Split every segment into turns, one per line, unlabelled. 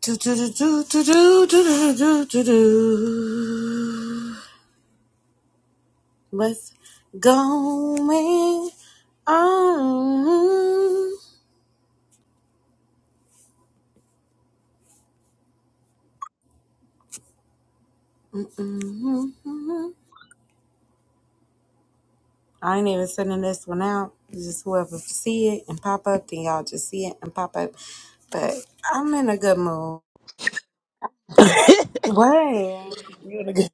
Do, do, do, do, do, do, do, do, do, do. What's going on? Mhm. I ain't even sending this one out. Just whoever see it and pop up, then y'all just see it and pop up. But I'm in a good mood. What?
You in a good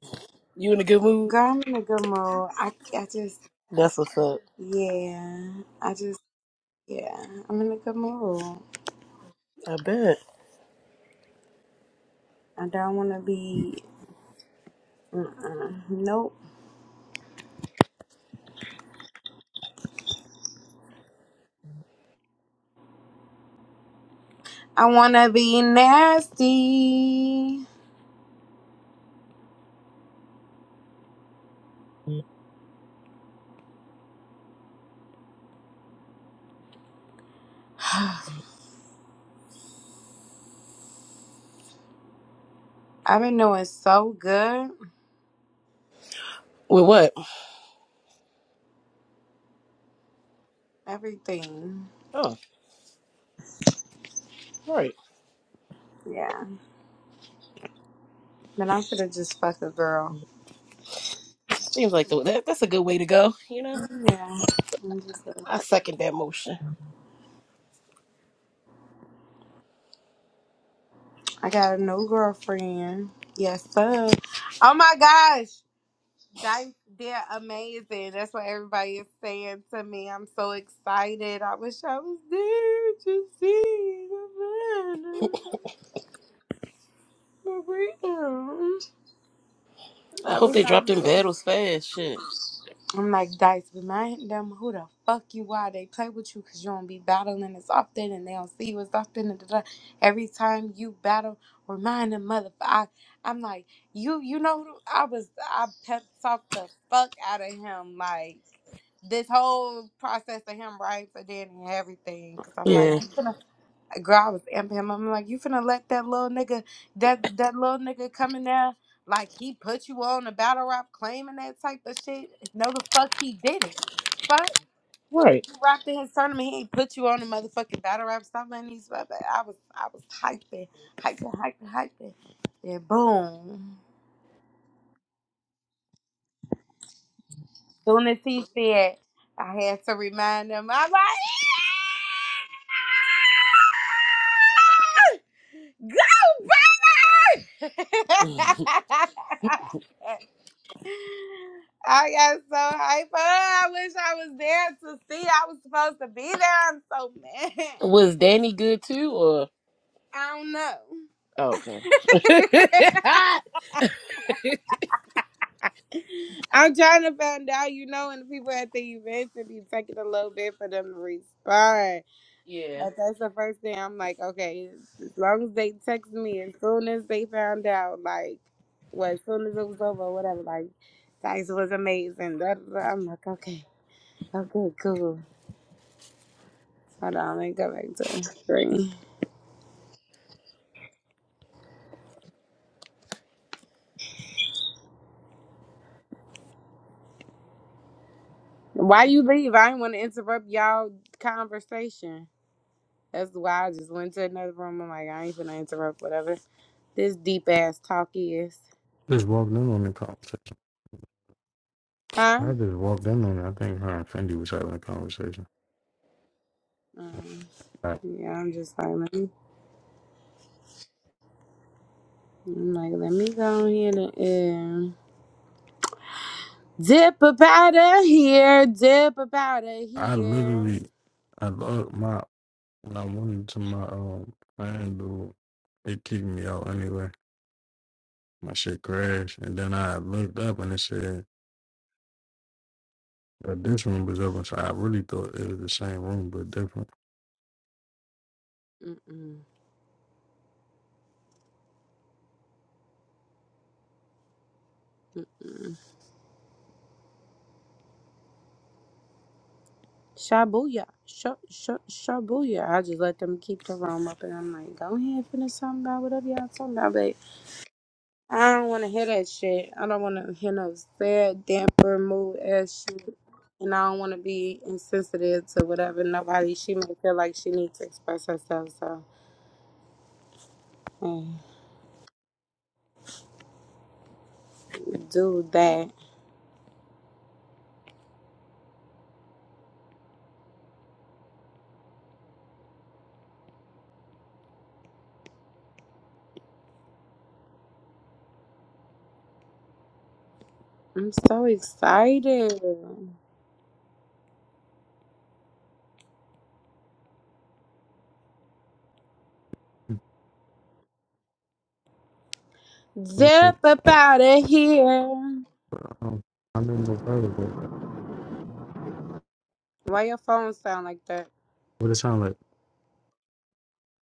you in a good mood?
Girl, I'm in a good mood. I, I just,
That's what's up.
yeah. I just, yeah. I'm in a good mood.
I bet.
I don't want to be. Mm-mm. Nope. I wanna be nasty. I've been doing so good.
With what?
Everything.
Oh, right.
Yeah. But I should have just fucked a girl.
Seems like the, that that's a good way to go, you know?
Yeah. I'm just gonna
I
fuck-
second that motion.
I got a new girlfriend. Yes, sir. Oh my gosh. Dice, they're amazing. That's what everybody is saying to me. I'm so excited. I wish I was there to see the man. For real.
I
I
hope
wish
they
I
dropped
was
them
there.
battles fast. Shit.
I'm like, Dice, remind them who the fuck you are. They play with you because you don't be battling as often and they don't see you as often. And da-da. Every time you battle, remind them, motherfucker. I, I'm like, you you know, who- I was, I pep talked the fuck out of him. Like, this whole process of him writing for Danny and everything. Because I'm like,
Yeah.
you finna girl, I was amping him. up. I'm like, you finna let that little nigga, that that little nigga come in there like he put you on a battle rap claiming that type of shit? No, the fuck he did not Fuck,
Right.
you rapped in his tournament. He ain't put you on a motherfucking battle rap. Stop letting these. I was, I was hyping, hyping, hyping, hyping. Then boom. Soon as he said, I had to remind him. I'm like. go! I got so hyped. up. I wish I was there to see. I was supposed to be there. I'm so mad.
Was Danny good too or
I don't know.
oh, okay.
I'm trying to find out, you know, and the people at the event to be taking a little bit for them to respond.
yeah.
But that's the first thing I'm like, okay, as long as they text me, as soon as they found out, like, well, as soon as it was over, whatever, like, Dice was amazing. That, I'm like, okay, okay, cool. Hold on, let me go back to three. Why you leave? I didn't want to interrupt y'all conversation. That's why I just went to another room. I'm like, I ain't gonna interrupt whatever this deep ass talk is,
Just walked in on the conversation.
huh?
I just walked in on it. I think her and Fendi was having a conversation.
Um,
Like
yeah, I'm just like, let me, I'm like, let me go in here and uh, dip about out of here, dip about out of
I
here.
literally, I love my when I went into my um fan dude, it kicked me out anyway. My shit crashed, and then I looked up and it said that this room was open. So I really thought it was the same room but different.
Mm-mm. Shabuya, sh- sh- shabuya. I just let them keep the room up, and I'm like, go ahead, finish something about whatever y'all talking about, babe. I don't want to hear that shit. I don't want to hear no sad, damper mood ass shit. And I don't want to be insensitive to whatever nobody she may feel like she needs to express herself. So, hey, do that. I'm so excited. Zip up out of here.
Um, I remember better.
Why your phone sound like that?
What it sound like?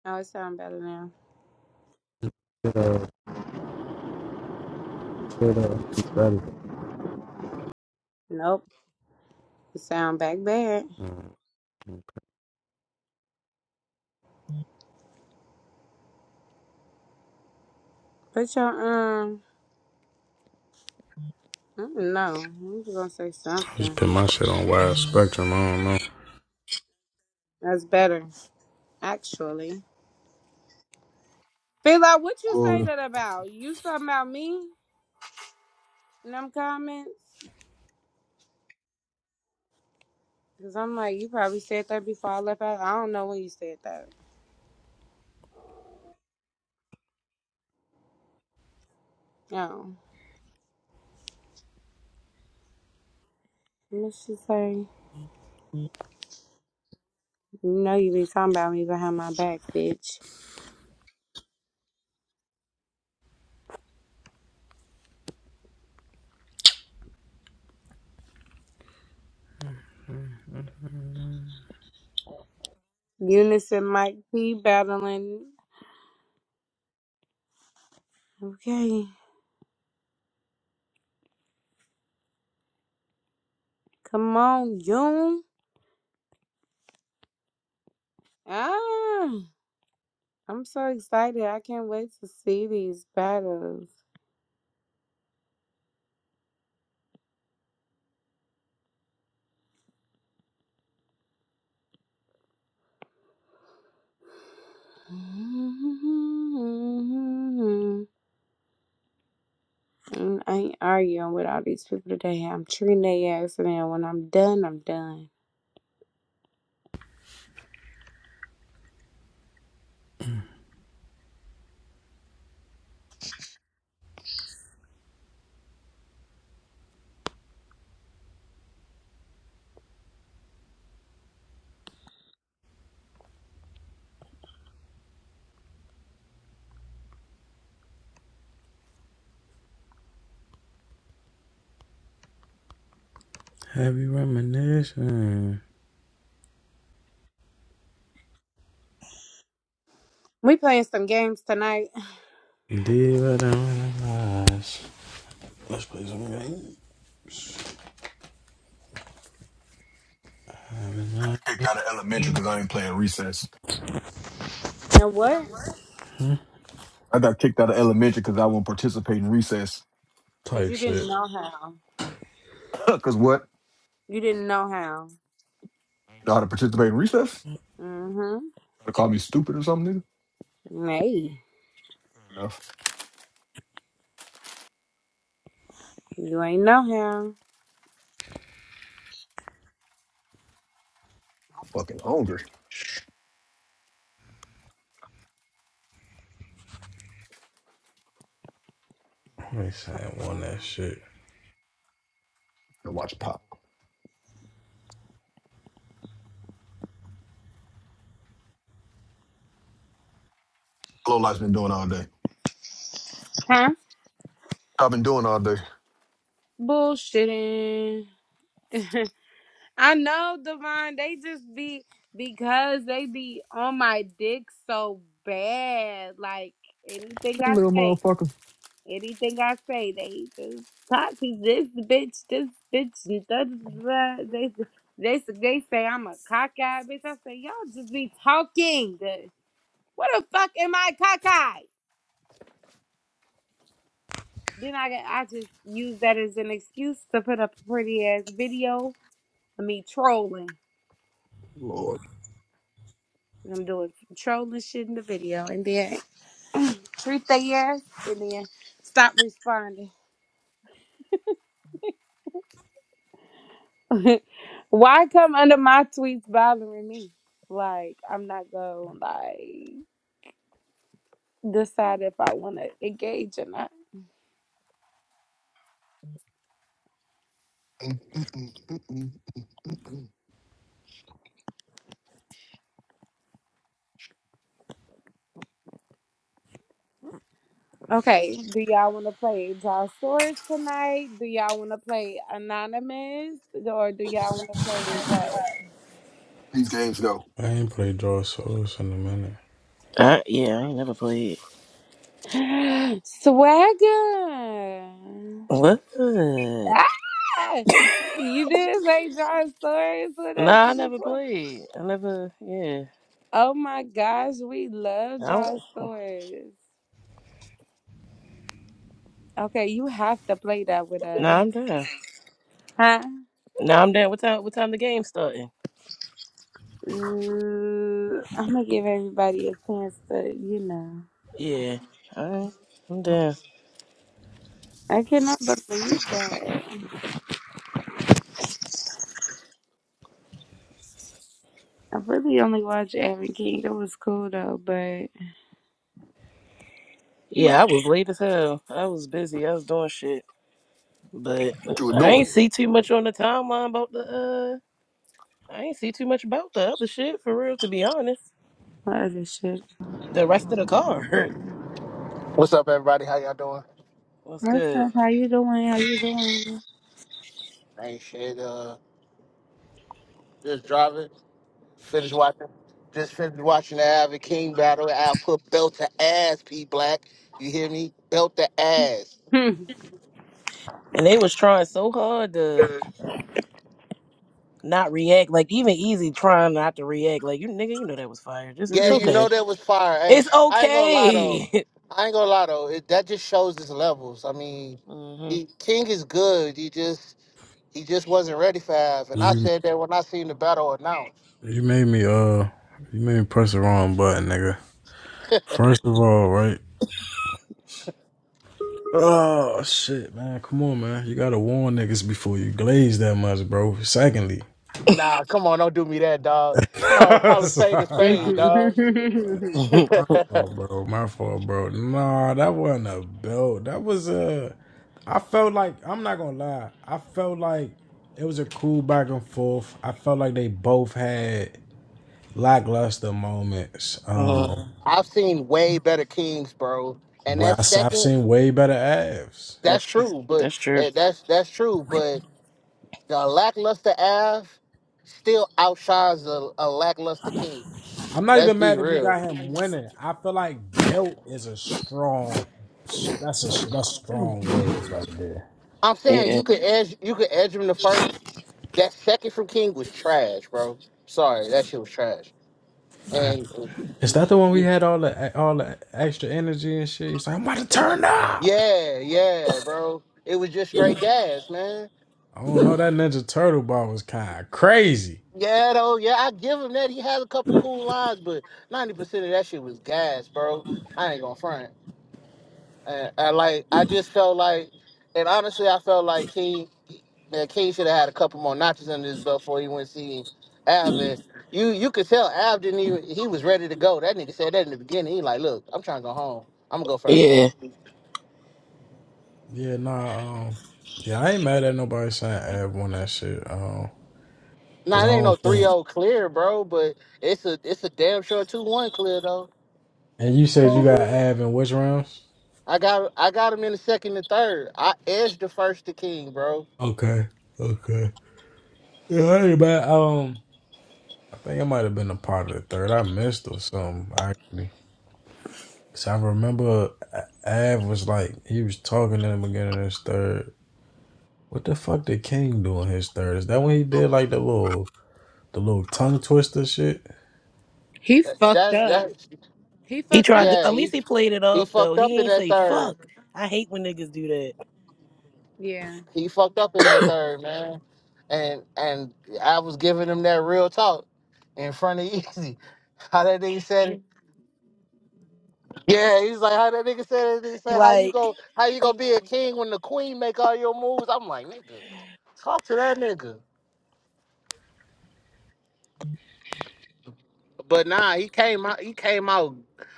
Oh, it sound better now.
Good, uh, good, uh, better.
Nope, it sound back bad.
Mm. I
Put your um, I don't know. I was gonna say
just
something.
put my shit on wide spectrum. I don't know.
That's better, actually. Philo, what you say
Well,
that about? You something about me in them comments? Cause I'm like, you probably said that before I left out. I don't know when you said that. No. What she say? You know you be talking about me behind my back, bitch. Eunice and Mike P battling. Okay. Come on, June. Ah I'm so excited. I can't wait to see these battles. Mm, I ain't arguing with all these people today. I'm treating their ass, and then when I'm done, I'm done.
Heavy reminiscing.
We playing some games tonight.
Let's play some game. I'm
kicked out of elementary
in love.
because I ain't playing recess.
Now what?
I got kicked out of elementary because I won't participate in recess.
Cause
Type
you didn't
shit.
know how.
Because what?
You didn't know how.
Know how to participate in recess?
Mm-hmm.
They call me stupid or something,
Hey,
nigga? Enough.
you ain't know
I'm fucking hungry.
Let me say I won
how.
that shit.
To watch pop. Low life's been doing all day.
Huh?
I've been doing all day.
Bullshitting. I know, Devon. They just be because they be on my dick so bad. Like anything
Hey,
I
little
say.
motherfucker.
Anything I say, they just toxic. This bitch, this bitch, and da, da, da, da. they they they say I'm a cockeyed bitch. I say y'all just be talking. What the fuck am I cockeyed? Then I get- I just use that as an excuse to put up a pretty ass video of me trolling.
Lord.
And I'm doing some trolling shit in the video, and then treat they ass, and then stop responding. Why come under my tweets bothering me? Like I'm not gonna like decide if I want to engage or not.
Mm-mm, mm-mm, mm-mm.
Okay, do y'all want to play Draw Swords tonight? Do y'all want to play Anonymous or do y'all want to play what?
These games go.
I ain't played Dark Souls in a minute.
Uh, yeah, I ain't never played.
Swagger.
What? Nah,
Ah! You did play Draw Swords with us
I never
before.
played. I never yeah.
Oh my gosh, we love
I don't
Draw Swords. Okay, you have to play that with us.
nah, I'm down.
Huh?
Now I'm down. What time? What time the game starting?
I'm gonna give everybody a chance to, you know.
Yeah. All right. I'm down.
I cannot believe that. I really only watched Aaron King. It was cool though, but
Yeah, I was late as hell. I was busy. I was doing shit, but
What you were
I
doing?
ain't see too much on the timeline about the. uh I ain't see too much about the other shit for real. To be honest,
what other shit?
the rest of the card
What's up, everybody? How y'all doing?
was
What's
good,
up? How you doing? How you doing?
Ain't shit. Uh, just driving. Finished watching. Just finished watching the Avid King battle. I put belt to ass, P Black. You hear me? Belt to ass.
and they was trying so hard to not react. Like even easy trying not to react. Like you nigga, you know that was fire. Just it's
Yeah, you
Mhm.
okay.
know that was fire. Hey,
It's
I ain't gonna lie though.
okay.
I ain't gonna lie though. It, that just shows his levels. I mean,
mhm.
he King is good. He just he just wasn't ready for Av. And I
You,
said that when I seen the battle announced.
you made me uh you made me press the wrong button, nigga. First of all, right? Oh shit, man. Come on, man. You gotta warn niggas before you glaze that much, bro. Secondly.
Nah, come on, don't do me that, dog. Call call a spade a
sorry,
spade, dog.
Mhm.
My fault, bro. My fault, bro. Nah, that wasn't a belt. That was a. I felt like I'm not gonna lie. I felt like it was a cool back and forth. I felt like they both had lackluster moments.
Mhm.
Um,
I've seen way better kings, bro. And
where
that's
I, have
second.
seen way better abs.
That's
That's
true.
true, but
That's true.
eh, that's that's true. But the lackluster Av still outshines a, a lackluster king.
I'm not
Let's
even
be
mad if you
real.
got him winning. I feel like belt is a strong. That's a that's strong words right there.
I'm saying
Yeah.
you could edge you could edge him the first. That second from King was trash, bro. Sorry, that shit was trash. And
Is that the one
yeah,
we had all the all the extra energy and shit? He's like, I'm about to turn up.
yeah, bro. It was just straight gas, man.
I don't know. That Ninja Turtle ball was kind of crazy.
Yeah, though, yeah, I give him that. He has a couple cool lines, but ninety percent of that shit was gas, bro. I ain't gonna front. And, and like, I just felt like, and honestly, I felt like King, man, King should have had a couple more notches under his belt before he went see Av. And you, you could tell Av didn't even. He was ready to go. That nigga said that in the beginning. He like, look, I'm trying to go home. I'm gonna go first.
Yeah.
Yeah, nah. Um, yeah, I ain't mad at nobody saying Av won that shit. Um, cause
Nah,
I
it ain't no
don't
three
think.
zero clear, bro, but it's a it's a damn sure 2-1 clear though.
And you said you got Av in which rounds?
I got I got him in the second and third. I edged the first to King, bro.
Okay, okay. Yeah, I ain't mad. Um, I think it might have been a part of the third. I missed or something actually. Cause I remember Av was like he was talking in the beginning of this third. What the fuck did King do on his third? Is that when he did like the little the little tongue twister shit?
he
That-
fucked
That's
up.
that's
He
He
fucked
tried to,
up.
yeah.
at
He
least he played it
he
off though.
fucked up
He
in
ain't
that
say
third.
fuck. I hate when niggas do that.
Yeah.
He fucked up in that third, man. And and I was giving him that real talk in front of Easy. How that nigga said it? Yeah, he's like, how that nigga said it? He
He
said, how you
like
go? How you gonna be a king when the queen make all your moves? I'm like, nigga, talk to that nigga. But nah, he came out. He came out.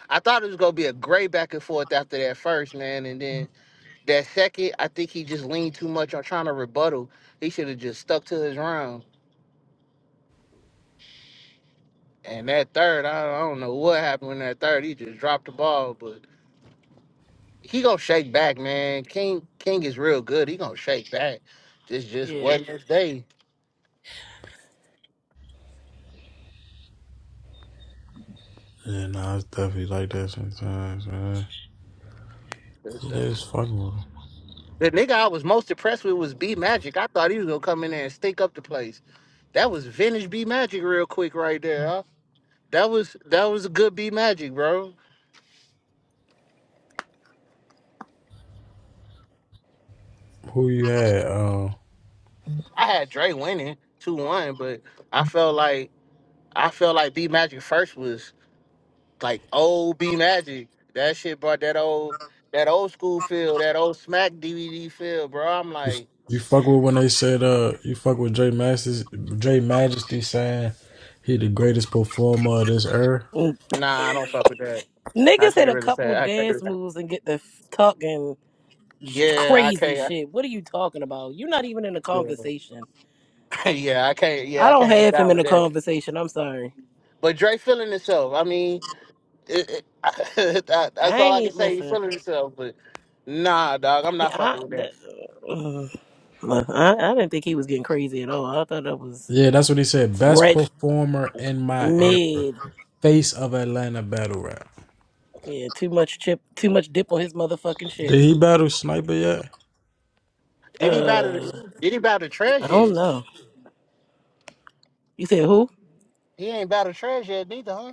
I thought it was gonna be a great back and forth after that first man, and then That second, I think he just leaned too much on trying to rebuttal. He should have just stuck to his round. And that third, I, I don't know what happened in that third. He just dropped the ball, but he gonna shake back, man. King King is real good. He gonna shake back. This just
Yeah.
wasn't his day.
Yeah, nah, it's definitely like that sometimes, man.
The
It
the
is fucking with him.
the nigga I was most impressed with was B Magic. I thought he was gonna come in there and stink up the place. That was vintage B Magic real quick right there. Huh? That was that was a good B Magic, bro.
Who you had? Um,
I had Dre winning two one, but I felt like I felt like B Magic first was like old B Magic. That shit brought that old that old school feel, that old smack DVD feel, bro. I'm
you,
like,
you fuck with when they said uh you fuck with Jay Masters Jay Majesty saying he the greatest performer of this era.
Mm.
nah, I don't fuck with that. I
Niggas hit
can't
a
really
couple
say I can't.
dance
really-
moves and get the f- talking
Yeah, I
crazy
can't.
shit. What are you talking about? You're not even in the
Yeah,
conversation.
yeah, I can't. Yeah,
I
I
don't
can't get
have him
down
in
with
the
that.
conversation. I'm sorry.
But Dre feeling himself. I mean, it, it, that, that's
I
all
ain't
I can
need
say. He
listen.
feeling himself, but nah, dog, I'm
He-
not
I,
fucking with
that,
that.
uh, I I didn't think he was getting crazy at all. I thought that was
Yeah, that's what he said. Best
red
performer in my era.
mid.
Face of Atlanta battle rap.
Yeah, too much chip, too much dip on his motherfucking chip.
Did he battle Sniper yet?
Did he battle? the-
Uh,
Did he battle
I
Trez
don't
yet?
know. You said who?
He ain't battle Trez yet neither, huh?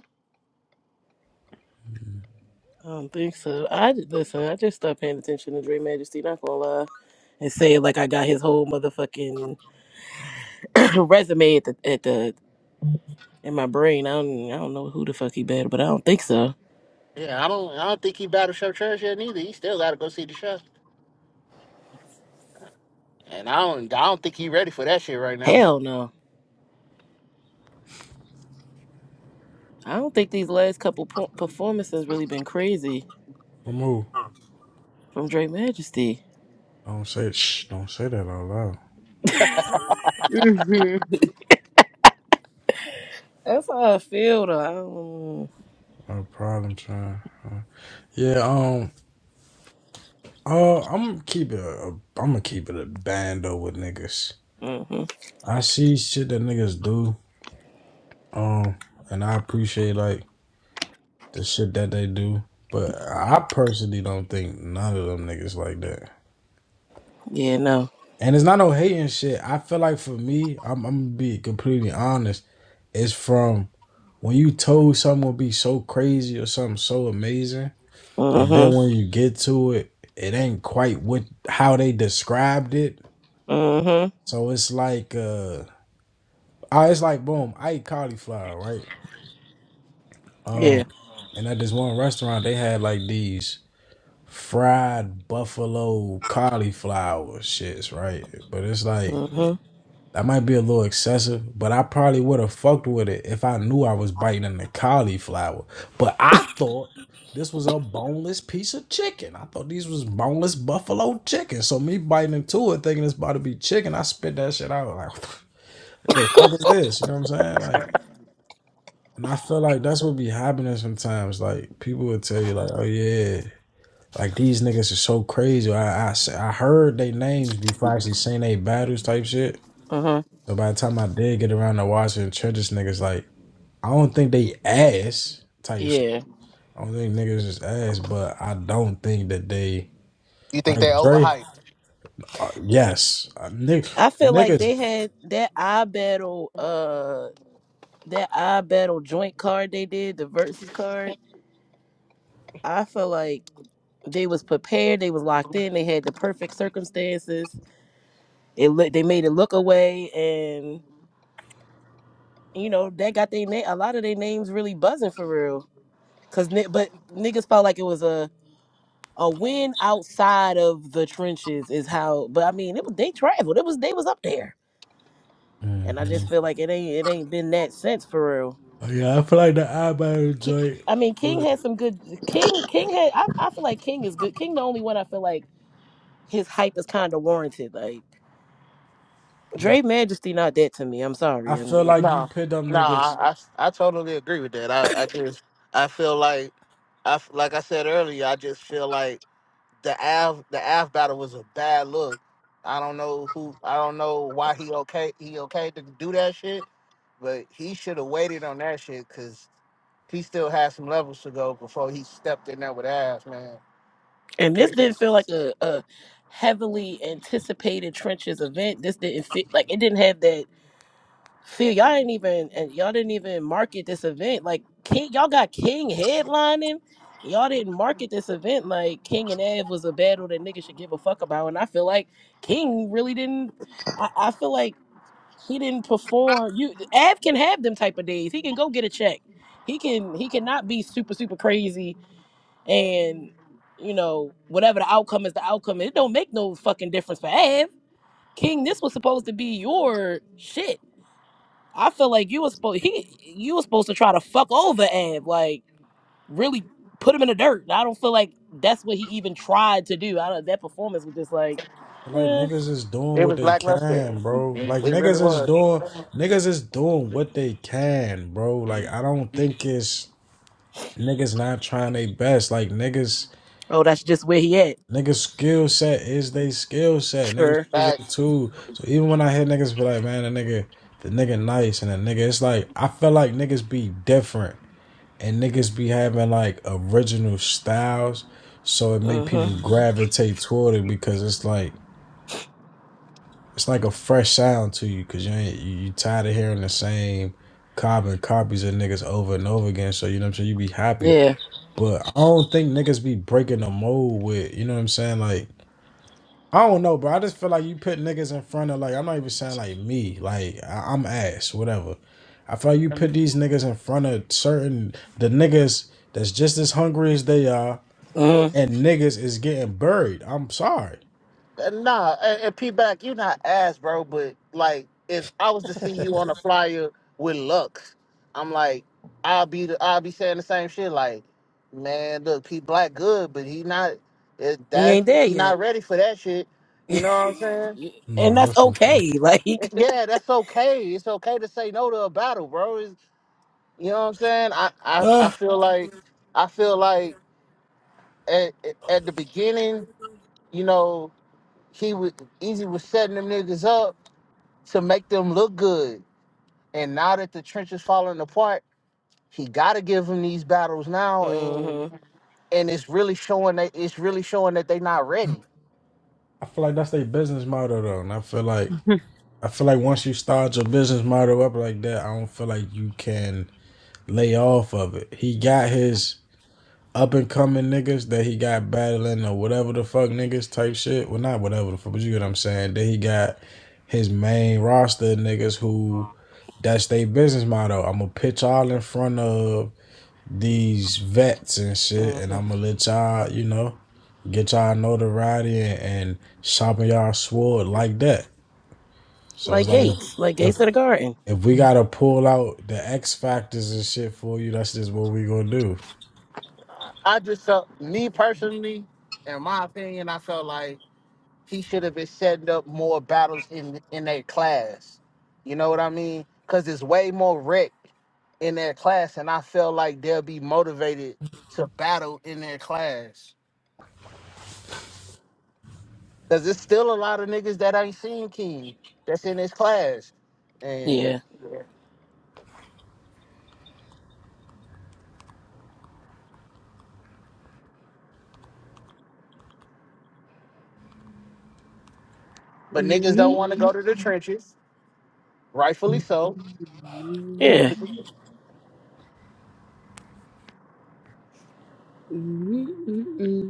I don't think so. I listen. I just stopped paying attention to Dre Majesty. Not gonna lie, and say like I got his whole motherfucking resume at the at the in my brain. I don't I don't know who the fuck he battled, but I don't think so.
Yeah, I don't. I don't think he battled Chef Trash yet neither. He still got to go see the show, and I don't. I don't think he ready for that shit right now.
Hell no. I don't think these last couple po- performances really been crazy
From who?
from Dre Majesty.
Don't say shh. Don't say that out loud.
That's how I feel though.
No problem, trying. Yeah, um, uh, I'm gonna keep it. A, I'm gonna keep it a band though with niggas.
I don't, hmm
I see shit that niggas do, um, and I appreciate like the shit that they do, but I personally don't think none of them niggas like that.
Yeah. No.
And it's not no hating shit. I feel like for me, I'm, I'm gonna be completely honest. It's from when you told someone would be so crazy or something so amazing and then
Mm-hmm.
when you get to it, it ain't quite what how they described it.
Mm-hmm.
So it's like uh oh, it's like boom, I eat cauliflower, right? Um
Yeah.
and at this one restaurant they had like these fried buffalo cauliflower shits, right? But it's like
Mm-hmm.
That might be a little excessive, but I probably would have fucked with it if I knew I was biting into cauliflower. But I thought this was a boneless piece of chicken. I thought these was boneless buffalo chicken. So me biting into it, thinking it's about to be chicken, I spit that shit out like, what the fuck is this? You know what I'm saying? Like, and I feel like that's what be happening sometimes. Like people would tell you like, oh yeah. Like these niggas are so crazy. I I I heard they names before I actually seen they battles type shit.
Mm-hmm.
So by the time I did get around to watching Church's niggas, like I don't think they ass type shit.
Yeah.
I don't think niggas is ass, but I don't think that they
You think
like
they
Dre.
overhyped?
Uh, yes, uh, nig-
I feel like
niggas.
they had that eye battle, uh, that eye battle joint card they did, the versus card. I feel like they was prepared, they was locked in, they had the perfect circumstances. It look, they made it look away, and you know that got they name. A lot of their names really buzzing for real, cause ni- but niggas felt like it was a a win outside of the trenches is how. But I mean, it was they traveled, it was they was up there,
hmm
and I just feel like it ain't it ain't been that since for real.
Yeah, I feel like the eyebrow
Ki-
joint.
I mean, King
would-
had some good. King, King had. I, I feel like King is good. King, the only one I feel like his hype is kind of warranted. Like
Yeah,
Dre Majesty, not that to me. I'm sorry,
I feel
and
like you
No,
pit them
no.
niggas.
I, I, I totally agree with that. I, I just I feel like I f- like I said earlier. I just feel like the Av the Av battle was a bad look. I don't know who. I don't know why he okay. He okay to do that shit, but he should have waited on that shit because he still had some levels to go before he stepped in there with Av man.
and this didn't feel like a, a heavily anticipated trenches event. This didn't fit. Like it didn't have that. Phil, y'all didn't even and y'all didn't even market this event. Like King, y'all got King headlining. Y'all didn't market this event like King and Ev was a battle that niggas should give a fuck about. And I feel like King really didn't I, I feel like he didn't perform. You Av can have them type of days. He can go get a check. He can he cannot be super, super crazy and you know, whatever the outcome is the outcome. It don't make no fucking difference for Av. King, this was supposed to be your shit I feel like you was supposed he you was supposed to try to fuck over Ab, like really put him in the dirt. I don't feel like that's what he even tried to do. I don't, that performance was just like,
Like
eh.
niggas is doing
It
what
was
they
lackluster.
can, bro.
It
Like
really
niggas is
was.
doing niggas is doing what they can, bro. Like I don't think it's niggas not trying their best. Like niggas
oh, that's just where he at.
Niggas skill set is they skill set. Niggas
Sure.
is they
Facts.
too. So even when I hear niggas be like, man, the nigga, the nigga nice and the nigga, it's like I feel like niggas be different and niggas be having like original styles, so it
Uh
make
huh.
people gravitate toward it because it's like it's like a fresh sound to you because you ain't you, you tired of hearing the same carbon copies of niggas over and over again. So you know what I'm saying. You be happy,
Yeah.
but I don't think niggas be breaking the mold with you know what I'm saying like. I don't know, bro. I just feel like you put niggas in front of like I'm not even saying like me, like I- I'm ass, whatever. I feel like you
Uh,
put these niggas in front of certain the niggas that's just as hungry as they are,
Mhm.
and niggas is getting buried. I'm sorry.
Nah, and, and P back, you not ass, bro. But like, if I was to see you on a flyer with Lux, I'm like, I'll be the, I'll be saying the same shit. Like, man, look, P Black good, but he not it,
He
that
ain't there
he
yet,
not ready for that shit. You know what I'm saying?
and
No,
that's
that's for sure.
okay. Like.
And Yeah, that's okay. It's okay to say no to a battle, bro. It's, you know what I'm saying? I, I I
Uh,
feel like I feel like at, at at the beginning, you know, he was Easy was setting them niggas up to make them look good. And now that the trench is falling apart, he gotta give them these battles now,
Uh
and
huh.
and it's really showing that it's really showing that they not ready.
I feel like that's their business model though, and I feel like I feel like once you start your business model up like that, I don't feel like you can lay off of it. He got his up and coming niggas that he got battling or whatever the fuck niggas type shit. Well, not whatever the fuck, but you get what I'm saying. Then he got his main roster of niggas who that's their business motto. I'm gonna pitch all in front of these vets and shit,
Uh
and
huh.
I'm gonna let y'all, you know, get y'all notoriety and, and sharpen y'all sword like that. So it's
Like
like if
Gates, like
if
Gates of the Garden.
if we gotta pull out the X factors and shit for you, that's just what we gonna do.
I just felt me personally, in my opinion, I felt like. he should have been setting up more battles in in their class. You know what I mean? Because it's way more wreck in their class, and I feel like they'll be motivated to battle in their class. Because there's still a lot of niggas that ain't seen King that's in his class, and
Yeah.
but niggas don't
Mhm.
want to go to the trenches, rightfully so.
Mhm.
Yeah.
Mhm. Mhm.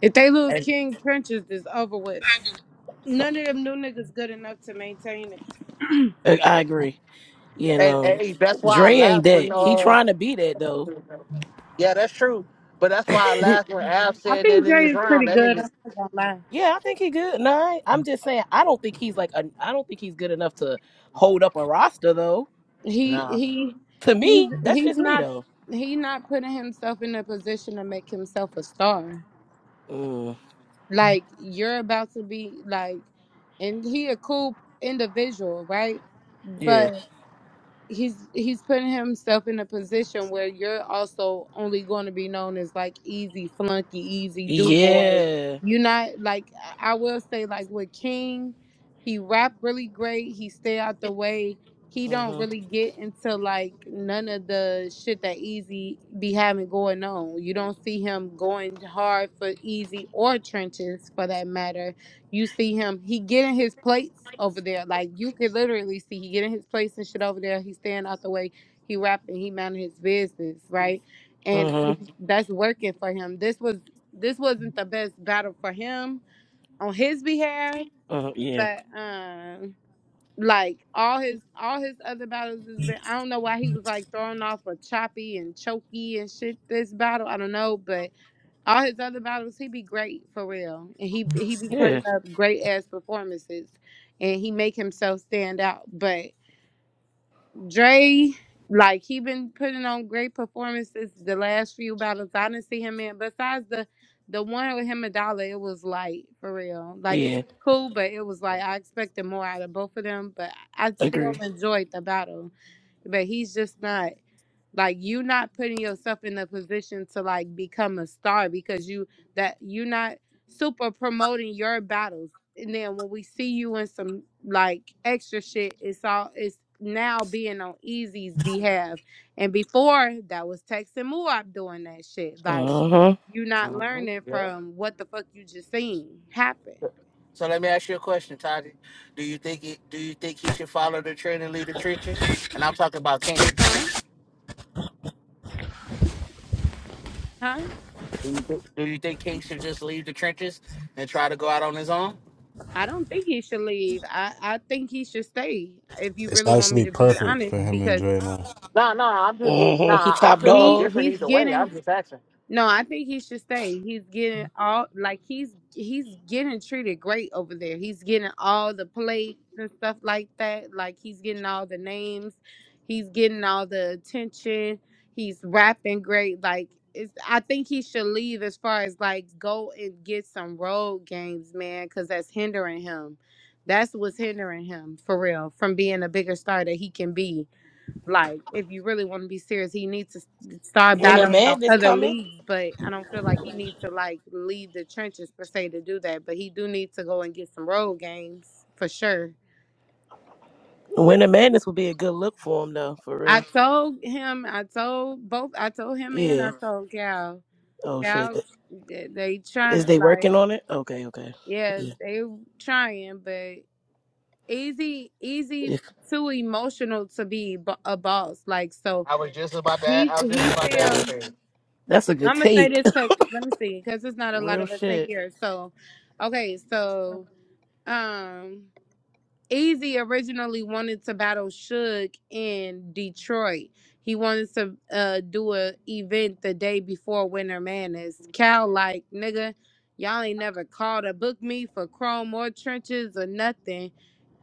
If they lose King Trenches, it's over with. None of them new niggas good enough to maintain it.
I, I agree. You
And
know,
hey, that's why I
Dre ain't
laughed
that.
when
He
uh,
trying to be that though.
yeah, that's true. But that's why I laughed when Av
I
said that
think
in
Dre
this
is
round.
pretty
That
good.
nigga,
I'm not gonna lie.
Yeah, I think he good. No, I- I'm just saying I don't think he's like a, I don't think he's good enough to hold up a roster though.
He
nah.
he
To
he's
me, that's
he's
just me
not
though.
he not putting himself in a position to make himself a star.
Mm,
Like you're about to be like, and he a cool individual, right?
yeah.
But he's he's putting himself in a position where you're also only going to be known as like easy flunky easy do boy
Yeah.
you're not like i I will say like with king he rap really great he stay out the way he don't
Mhm.
really get into like none of the shit that easy be having going on you don't see him going hard for easy or trenches for that matter you see him, he getting his plates over there. Like you could literally see he getting his plates and shit over there. He's staying out the way. He rapping, he minding his business, right? And
Mhm.
Mhm. that's working for him. This was this wasn't the best battle for him on his behalf,
Mhm. Yeah.
but um like all his all his other battles has been I don't know why he was like thrown off of choppy and choky and shit this battle. I don't know, but all his other battles, he be great for real, and he he be
Yeah.
putting up great ass performances, and he make himself stand out. But Dre, like he been putting on great performances the last few battles I didn't see him in. Besides the the one with him and Dollar, it was light for real. Like it
Yeah.
was cool, but it was like I expected more out of both of them. But I still
Agree.
enjoyed the battle but he's just not like you not putting yourself in a position to like become a star because you that you're not super promoting your battles and then when we see you in some like extra shit it's all it's now being on easy's behalf and before that was tex and Muab doing that shit like
Mhm.
you're not
Mhm.
learning from what the fuck you just seen happen
So let me ask you a question, Tati. Do you think it, do you think he should follow the trend and leave the trenches? And I'm talking about Kings.
huh huh
Do you, thi- do you think King should just leave the trenches and try to go out on his own?
I don't think he should leave. I, I think he should stay. If you
It's
really want me
actually
to be
perfect for
honest,
him and
because
Dre now.
No, no, I'm just
Mhm. He
nah. I
top
feel no
he
dog.
different
he's
either way.
getting
I'm just asking.
no, I think he should stay. He's getting all like he's he's getting treated great over there. He's getting all the plates and stuff like that. Like he's getting all the names. He's getting all the attention. He's rapping great. Like it's I think he should leave as far as like go and get some road games, man, cuz that's hindering him. That's what's hindering him for real from being a bigger star that he can be like, if you really want to be serious, he needs to s- start
When the
battling on
madness
other
coming.
leagues. But I don't feel like he needs to like leave the trenches per se to do that. But he do need to go and get some road games for sure.
When the madness would be a good look for him though, for
I
real.
told him, I told both, I told him and I
Yeah.
told Cal.
Oh shit.
Cal, they they
Is
try
they
like
working on it? Okay. Okay.
yeah,
Yeah.
they trying, but easy, easy
yeah.
too emotional to be bo- a boss. Like so,
I was just about to. a-
he
I was just
he
about to
feel.
ask him.
That's a good
I'm gonna say
take.
this because let me see, because there's not a lot
real
of us in
shit.
here. So, okay, so um, Easy originally wanted to battle Suge in Detroit. He wanted to uh do a event the day before Winter Madness. Cal like nigga, y'all ain't never called to book me for chrome or trenches or nothing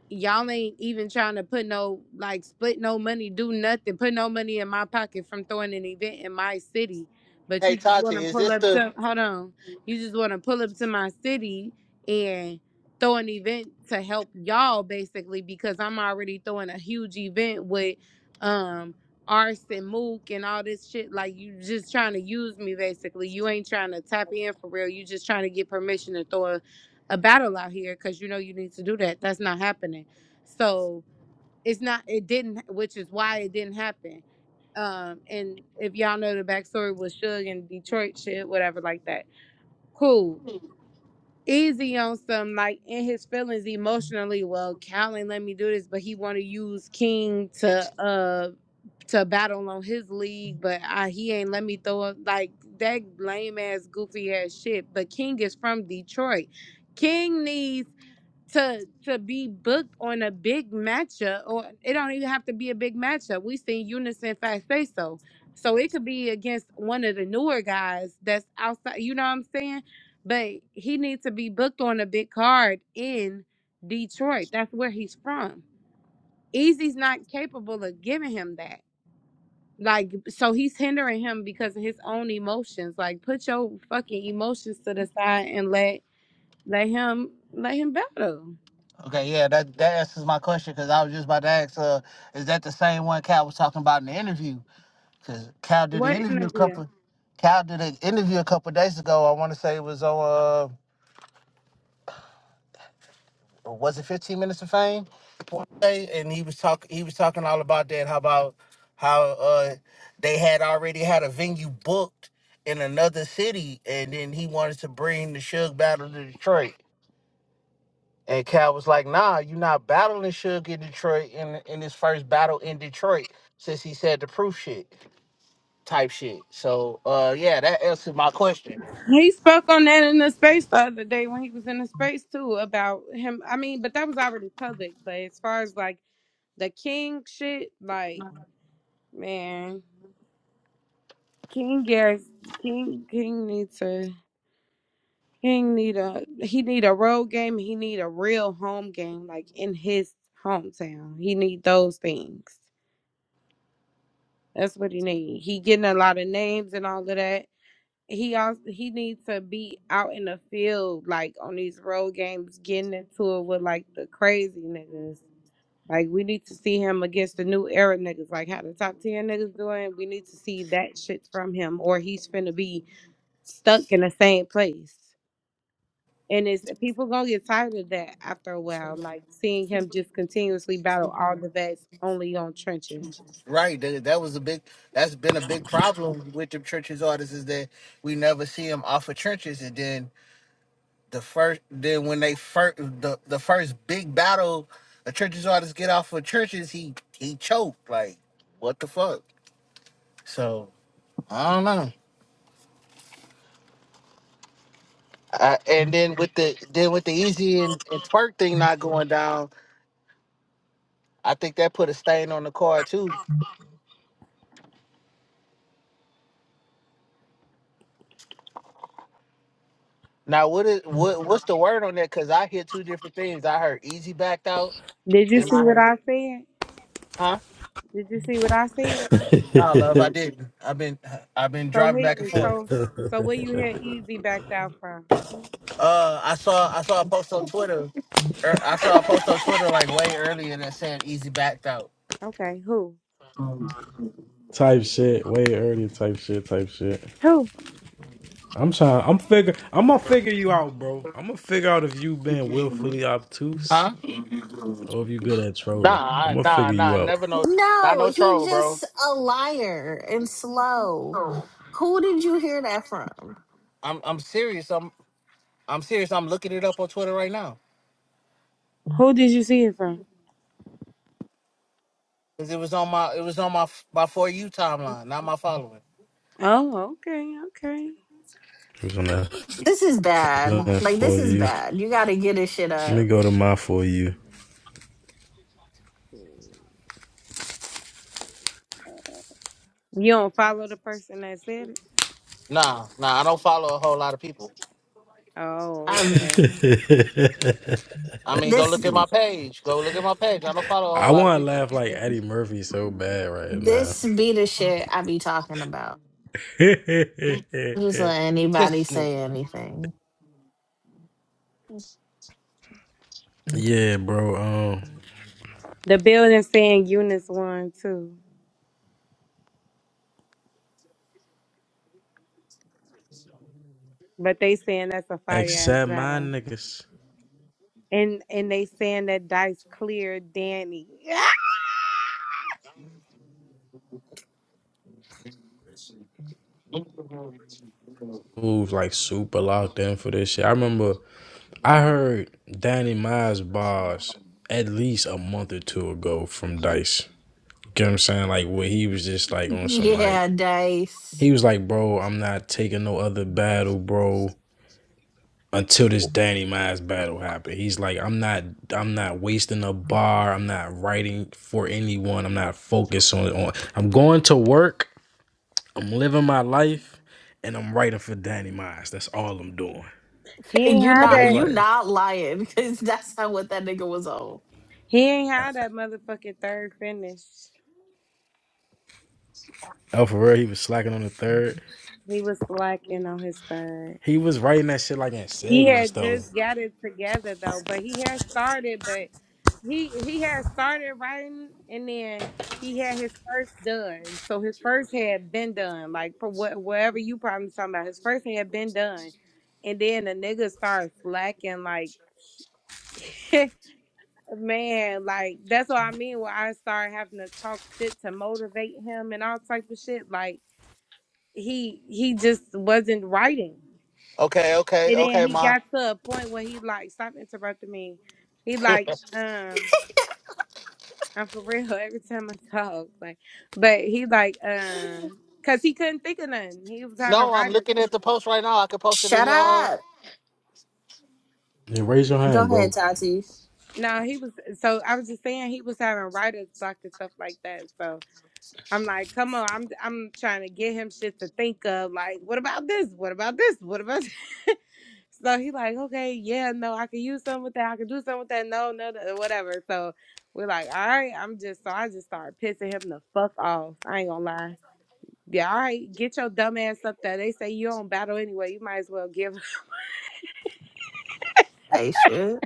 y'all ain't even trying to put no like split no money, do nothing, put no money in my pocket from throwing an event in my city. But
Hey
you just
Tati,
want to
is
pull
this
up
the?
to hold on, you just want to pull up to my city and throw an event to help y'all basically because I'm already throwing a huge event with um Arts and Mook and all this shit. Like you just trying to use me basically. You ain't trying to tap in for real. You just trying to get permission to throw a battle out here because you know you need to do that. That's not happening. So it's not. It didn't, which is why it didn't happen. Um, and if y'all know the backstory with Suge and Detroit shit, whatever, like that. Cool. Easy on some like in his feelings emotionally. Well, Cal ain't let me do this, but he want to use King to uh to battle on his league, but I, he ain't let me throw up like that lame ass goofy ass shit. But King is from Detroit. King needs to to be booked on a big matchup or it don't even have to be a big matchup. We seen Unison Fast say so. So it could be against one of the newer guys that's outside, you know what I'm saying? But he needs to be booked on a big card in Detroit. That's where he's from. Easy's not capable of giving him that. Like so he's hindering him because of his own emotions. Like put your fucking emotions to the side and let let him let him battle.
Okay, yeah, that that answers my question because I was just about to ask. Uh, is that the same one Cat was talking about in the interview? Cause Cal did an
What
interview a
interview?
couple. Cal did an interview a couple days ago. I want to say it was on. Uh, was it 15 Minutes of Fame? One day, and he was talking. He was talking all about that. How about how uh, they had already had a venue booked in another city, and then he wanted to bring the Suge Battle to Detroit. And Cal was like, "Nah, you're not battling Suge in Detroit in in his first battle in Detroit since he said the proof shit type shit." So, uh, yeah, that answered my question.
He spoke on that in the space the other day when he was in the space too about him. I mean, but that was already public. But as far as like the king shit, like man, King yes, King King needs to King need a he need a road game. He need a real home game, like in his hometown. He need those things. That's what he need. He getting a lot of names and all of that. he also he needs to be out in the field, like on these road games, getting into it with like the crazy niggas. Like we need to see him against the new era niggas, like how the top ten niggas doing. We need to see that shit from him, or he's finna be stuck in the same place. And it's people gonna get tired of that after a while, like seeing him just continuously battle all the vets only on trenches.
Right. That, that was a big. That's been a big problem with the churches artists is that we never see them off of churches, and then the first, then when they first, the, the first big battle, a churches artists get off of churches, he he choked. Like what the fuck? So I don't know. I, and then with the then with the easy and, and twerk thing not going down, I think that put a stain on the card too. Now what is what what's the word on that? Because I hear two different things. I heard easy backed out,
Did you
then
see
I
what
heard
I said?
huh.
Did you see what I said?
Nah, love, I didn't. I've been I've been
So
driving
he
back and
is
forth.
so so where you hear Easy backed out from?
Uh, I saw I saw a post on Twitter. er, I saw a post on Twitter like way earlier that said Easy backed out.
Okay, who?
type shit, way earlier type shit, type shit.
Who?
I'm trying. I'm figure. I'm gonna figure you out, bro. I'm gonna figure out if you been willfully obtuse
Huh?
or if you good at
Nah,
trolling. I'm
I-
gonna
nah,
figure
nah.
you out.
Never no, not
No,
no
he's
troll, bro.
just a liar and slow. Who did you hear that from?
I'm I'm serious. I'm I'm serious. I'm looking it up on Twitter right now
Who did you see it from?
because it was on my it was on my f- my for you timeline, not my following.
Oh, okay, okay.
Who's on that?
This is
Who's on
bad.
that
Like
for
this is
you?
bad. You gotta get his shit
Let me
up.
go to my for you.
You don't follow the person that said it?
Nah, nah. I don't follow a whole lot of people.
Oh,
I'm
okay.
I mean, go
this
look at my page. Go look at my page. I don't follow a whole
I
lot of
want to
people.
laugh like Eddie Murphy so bad right now.
this be the shit I be talking about. Just let anybody
This
say
nigga.
anything.
yeah, bro. Um,
The building saying Eunice won too. But they saying that's a fire ass
except my
battle.
niggas
And and they saying that dice cleared Danny.
who's like super locked in for this shit. I remember I heard Danny Miles bars at least a month or two ago from Dice. Get what I'm saying? Like where he was just like on some like
Yeah, Dice.
he was like, bro, I'm not taking no other battle, bro, until this Danny Miles battle happened. He's like, I'm not I'm not wasting a bar. I'm not writing for anyone. I'm not focused on on I'm going to work. I'm living my life and I'm writing for Danny Miles. That's all I'm doing.
He
And
ain't
you
had
And I
not
was
that
you
like,
not lying because that's not what that nigga was on.
he ain't had that motherfucking third finish.
oh, for real, he was slacking on the third.
He was slacking on his third.
He was writing that shit like in
He
segments
had
though.
just got it together though, but he had started, but he he had started writing and then he had his first done. So his first had been done, like for what whatever you probably talking about. His first had been done, and then the nigga started slacking. Like man, like that's what I mean. When I started having to talk shit to motivate him and all type of shit, like he he just wasn't writing.
Okay, okay,
And
okay,
then he
ma.
got to a point where he like, stop interrupting me. He like, um, I'm for real every time I talk. Like, but he like, um, cause he couldn't think of nothing. He was having
No, I'm
writers.
looking at the post right now. I could post it in
Shut
Uh...
up.
Yeah, raise your hand,
Go
bro.
ahead, Tati.
No, he was. So I was just saying he was having writers block and stuff like that. So. I'm like, come on, I'm I'm trying to get him shit to think of. Like, what about this? What about this? What about this? so he like, okay, yeah, no, I can use something with that. I can do something with that. No, no, no, whatever. So we're like, all right, I'm just so I just started pissing him the fuck off. I ain't gonna lie. Yeah, all right, get your dumb ass up there. They say you don't battle anyway. You might as well give. up."
Hey shit.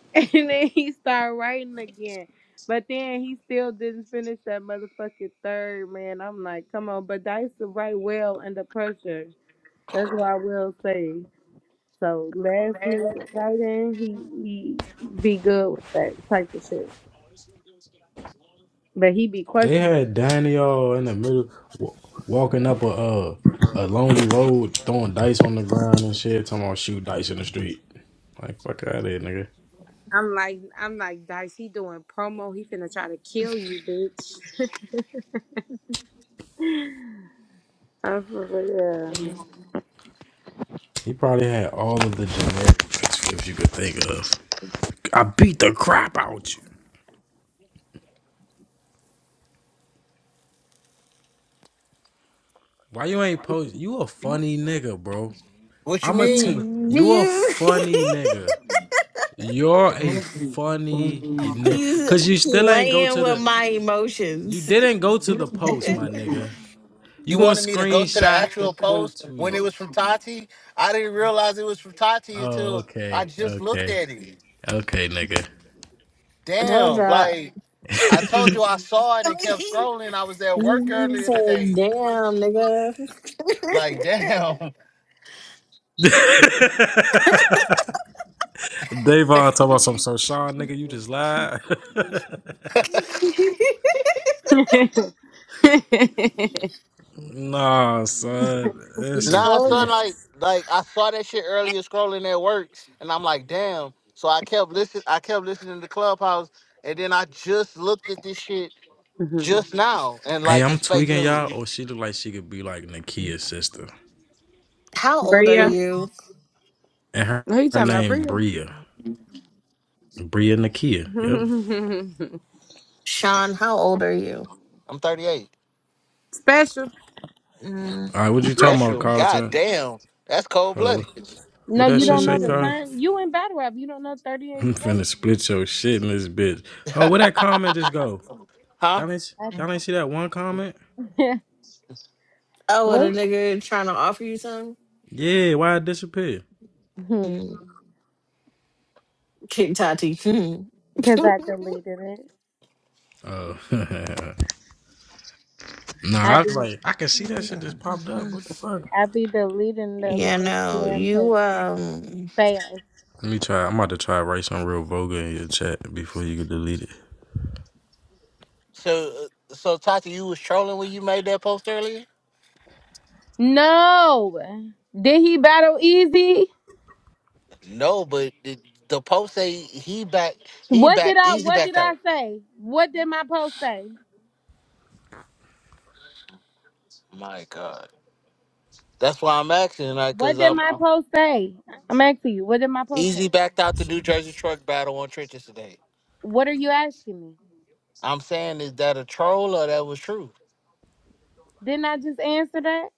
and then he started writing again. But then he still didn't finish that motherfucking third, man. I'm like, come on, but Dice to write well under pressure. That's what I will say. So last minute writing, he he be good with that type of shit. But he be
They
questioning.
had Daniel in the middle wa- walking up a uh, a lonely road, throwing dice on the ground and shit. Talking about shoot dice in the street. Like fuck out of here, nigga.
I'm like I'm like Dice. He doing promo. He finna try to kill you, bitch. I'm for real.
He probably had all of the generic rape scripts you could think of. I beat the crap out you. Why you ain't post? You a funny nigga, bro.
What you
I'm a t-
mean?
Do
you a
you?
funny nigga. You're a funny nigga.
He's
Cause you still ain't go
playing
to
with
the
my
You
emotions.
didn't go to the post,
I
my nigga. You
You
gonna
wanted me to go to the
screenshot the
actual
quote
post when it
tweet.
was from Tati? I didn't realize it was from Tati
Oh,
until I
okay,
just looked
okay,
at it.
okay, nigga.
told
Damn,
y'all.
like I told you, I saw it and kept
He
scrolling. I was at work
he-
earlier
said,
today.
damn, nigga.
Like, damn.
Davon talking about something, so Sean nigga, you just lied. nah, son,
he
this is.
Nah,
told you.
Good.
son, like, like I saw that shit earlier scrolling at work, and I'm like, damn. So I kept listening. I kept listening to Clubhouse, and then I just looked at this shit
Mhm.
just now, and
Hey,
like
I'm
it's fake
tweaking y'all.
news.
Or oh, she look like she could be like Nakia's sister,
How old are
Bria,
you,
and her,
who you
her
talking about,
name
Sean?
Bria?
Bria, Bria Nakia. Yep.
Sean, how old are you?
I'm 38.
special.
Mm,
All right, what you talking about,
Special. God
Carlton?
damn. That's cold
Hold on,
blooded.
No,
what that
you
shit
don't
say,
know the
Carl?
mm.
time. You in battle rap. You don't know 38
I'm finna
special.
split your shit in this bitch. Oh, where that comment just go?
huh?
Y'all ain't y'all ain't see that one comment?
I,
Oh, what
I-
a
what?
nigga trying to offer you something?
Yeah, why it disappear?
Mm. Kick Tati. Hmm.
Because I deleted it.
Oh, nah.
I
I was
be
like, I can see that shit just popped up. What the fuck?
I be deleting the
yeah,
little
no,
scam pages
you, um,
fast.
Let me try. I'm about to try to write some real vulgar in your chat before you can delete it.
So, uh, so Tati, you was trolling when you made that post earlier?
No, did he battle easy?
No, but the, the post say he back, he
What
back,
did I
easy
What did
backed
I
out.
say? What did my post say?
My God. That's why I'm asking, like,
What
cause
did
I'm,
my
I'm
post say? I'm asking you. What did my post say?
easy backed out the New Jersey truck battle on trenches today.
What are you asking me?
I'm saying, is that a troll or that was true?
Didn't I just answer that?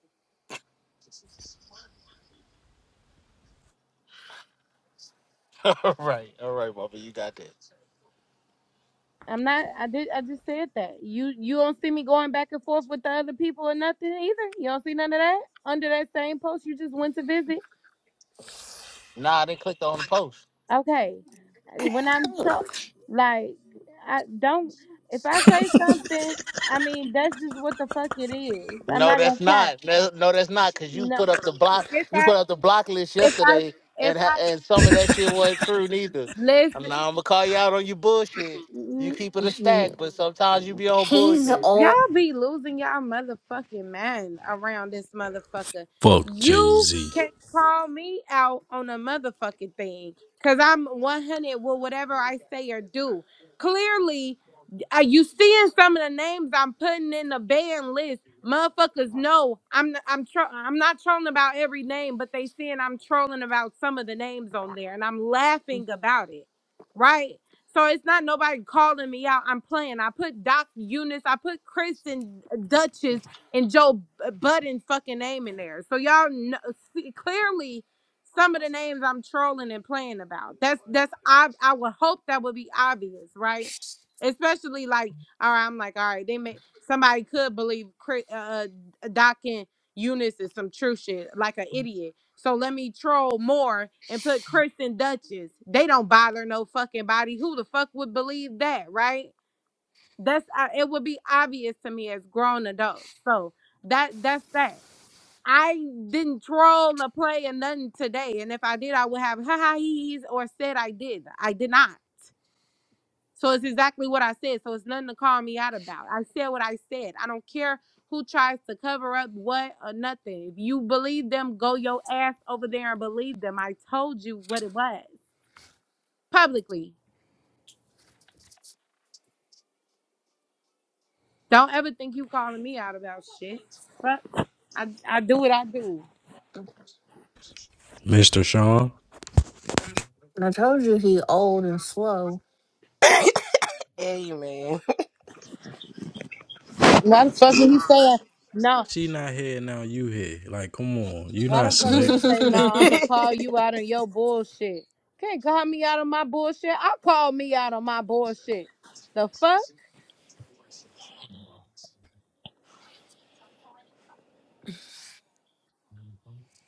all right, all right, Bubba, you got that.
I'm not. I did. I just said that. You You don't see me going back and forth with the other people or nothing either. You don't see none of that under that same post you just went to visit.
Nah, I didn't click on the post.
Okay. When I'm tro- like I don't if I say something, I mean that's just what the fuck it is. I'm
No,
not gonna
that's
cap.
not. No, no, that's not. Cause you
No.
put up the block.
If
You
I
put up the block list
if I
yesterday,
if
and ha-
I
and some of that shit wasn't true neither. And
listen
now I'm not gonna call you out on your bullshit. You
n-
keep it a stack, but sometimes you be on
he's
bullshit.
old.
y'all be losing y'all motherfucking mind around this motherfucker.
Fuck Jay
You
Z.
can call me out on a motherfucking thing. Cause I'm 100 with whatever I say or do. Clearly, Are you seeing some of the names I'm putting in the ban list? Motherfuckers know I'm i I'm tro- I'm not trolling about every name, but they seeing I'm trolling about some of the names on there, and I'm laughing about it, right? So it's not nobody calling me out. I'm playing. I put Doc Eunice, I put Chris and uh, Duchess and Joe B- uh, Budden fucking name in there. So y'all know, see, clearly some of the names I'm trolling and playing about. That's that's I I would hope that would be obvious, right? especially like all right i'm like all right they may somebody could believe Chri- uh uh, doc and eunice is some true shit like an idiot so let me troll more and put chris and duchess they don't bother no fucking body who the fuck would believe that right that's uh, it would be obvious to me as grown adults so that that's that I didn't troll or play or nothing today, and if I did, I would have ha ha he's or said I did. I did not. So it's exactly what I said. So it's nothing to call me out about. I said what I said. I don't care who tries to cover up what or nothing. If you believe them, go your ass over there and believe them. I told you what it was publicly. Don't ever think you calling me out about shit. Fuck. I, I do what I do.
Mr. Sean.
I told you he old and slow.
Amen.
Why the fuck would he say no?
She not here now. You here? Like, come on. You
Why
not
the fuck
you
would
slick.
he say no? I'ma call you out on your bullshit. Can't call me out on my bullshit. I call me out on my bullshit. The fuck?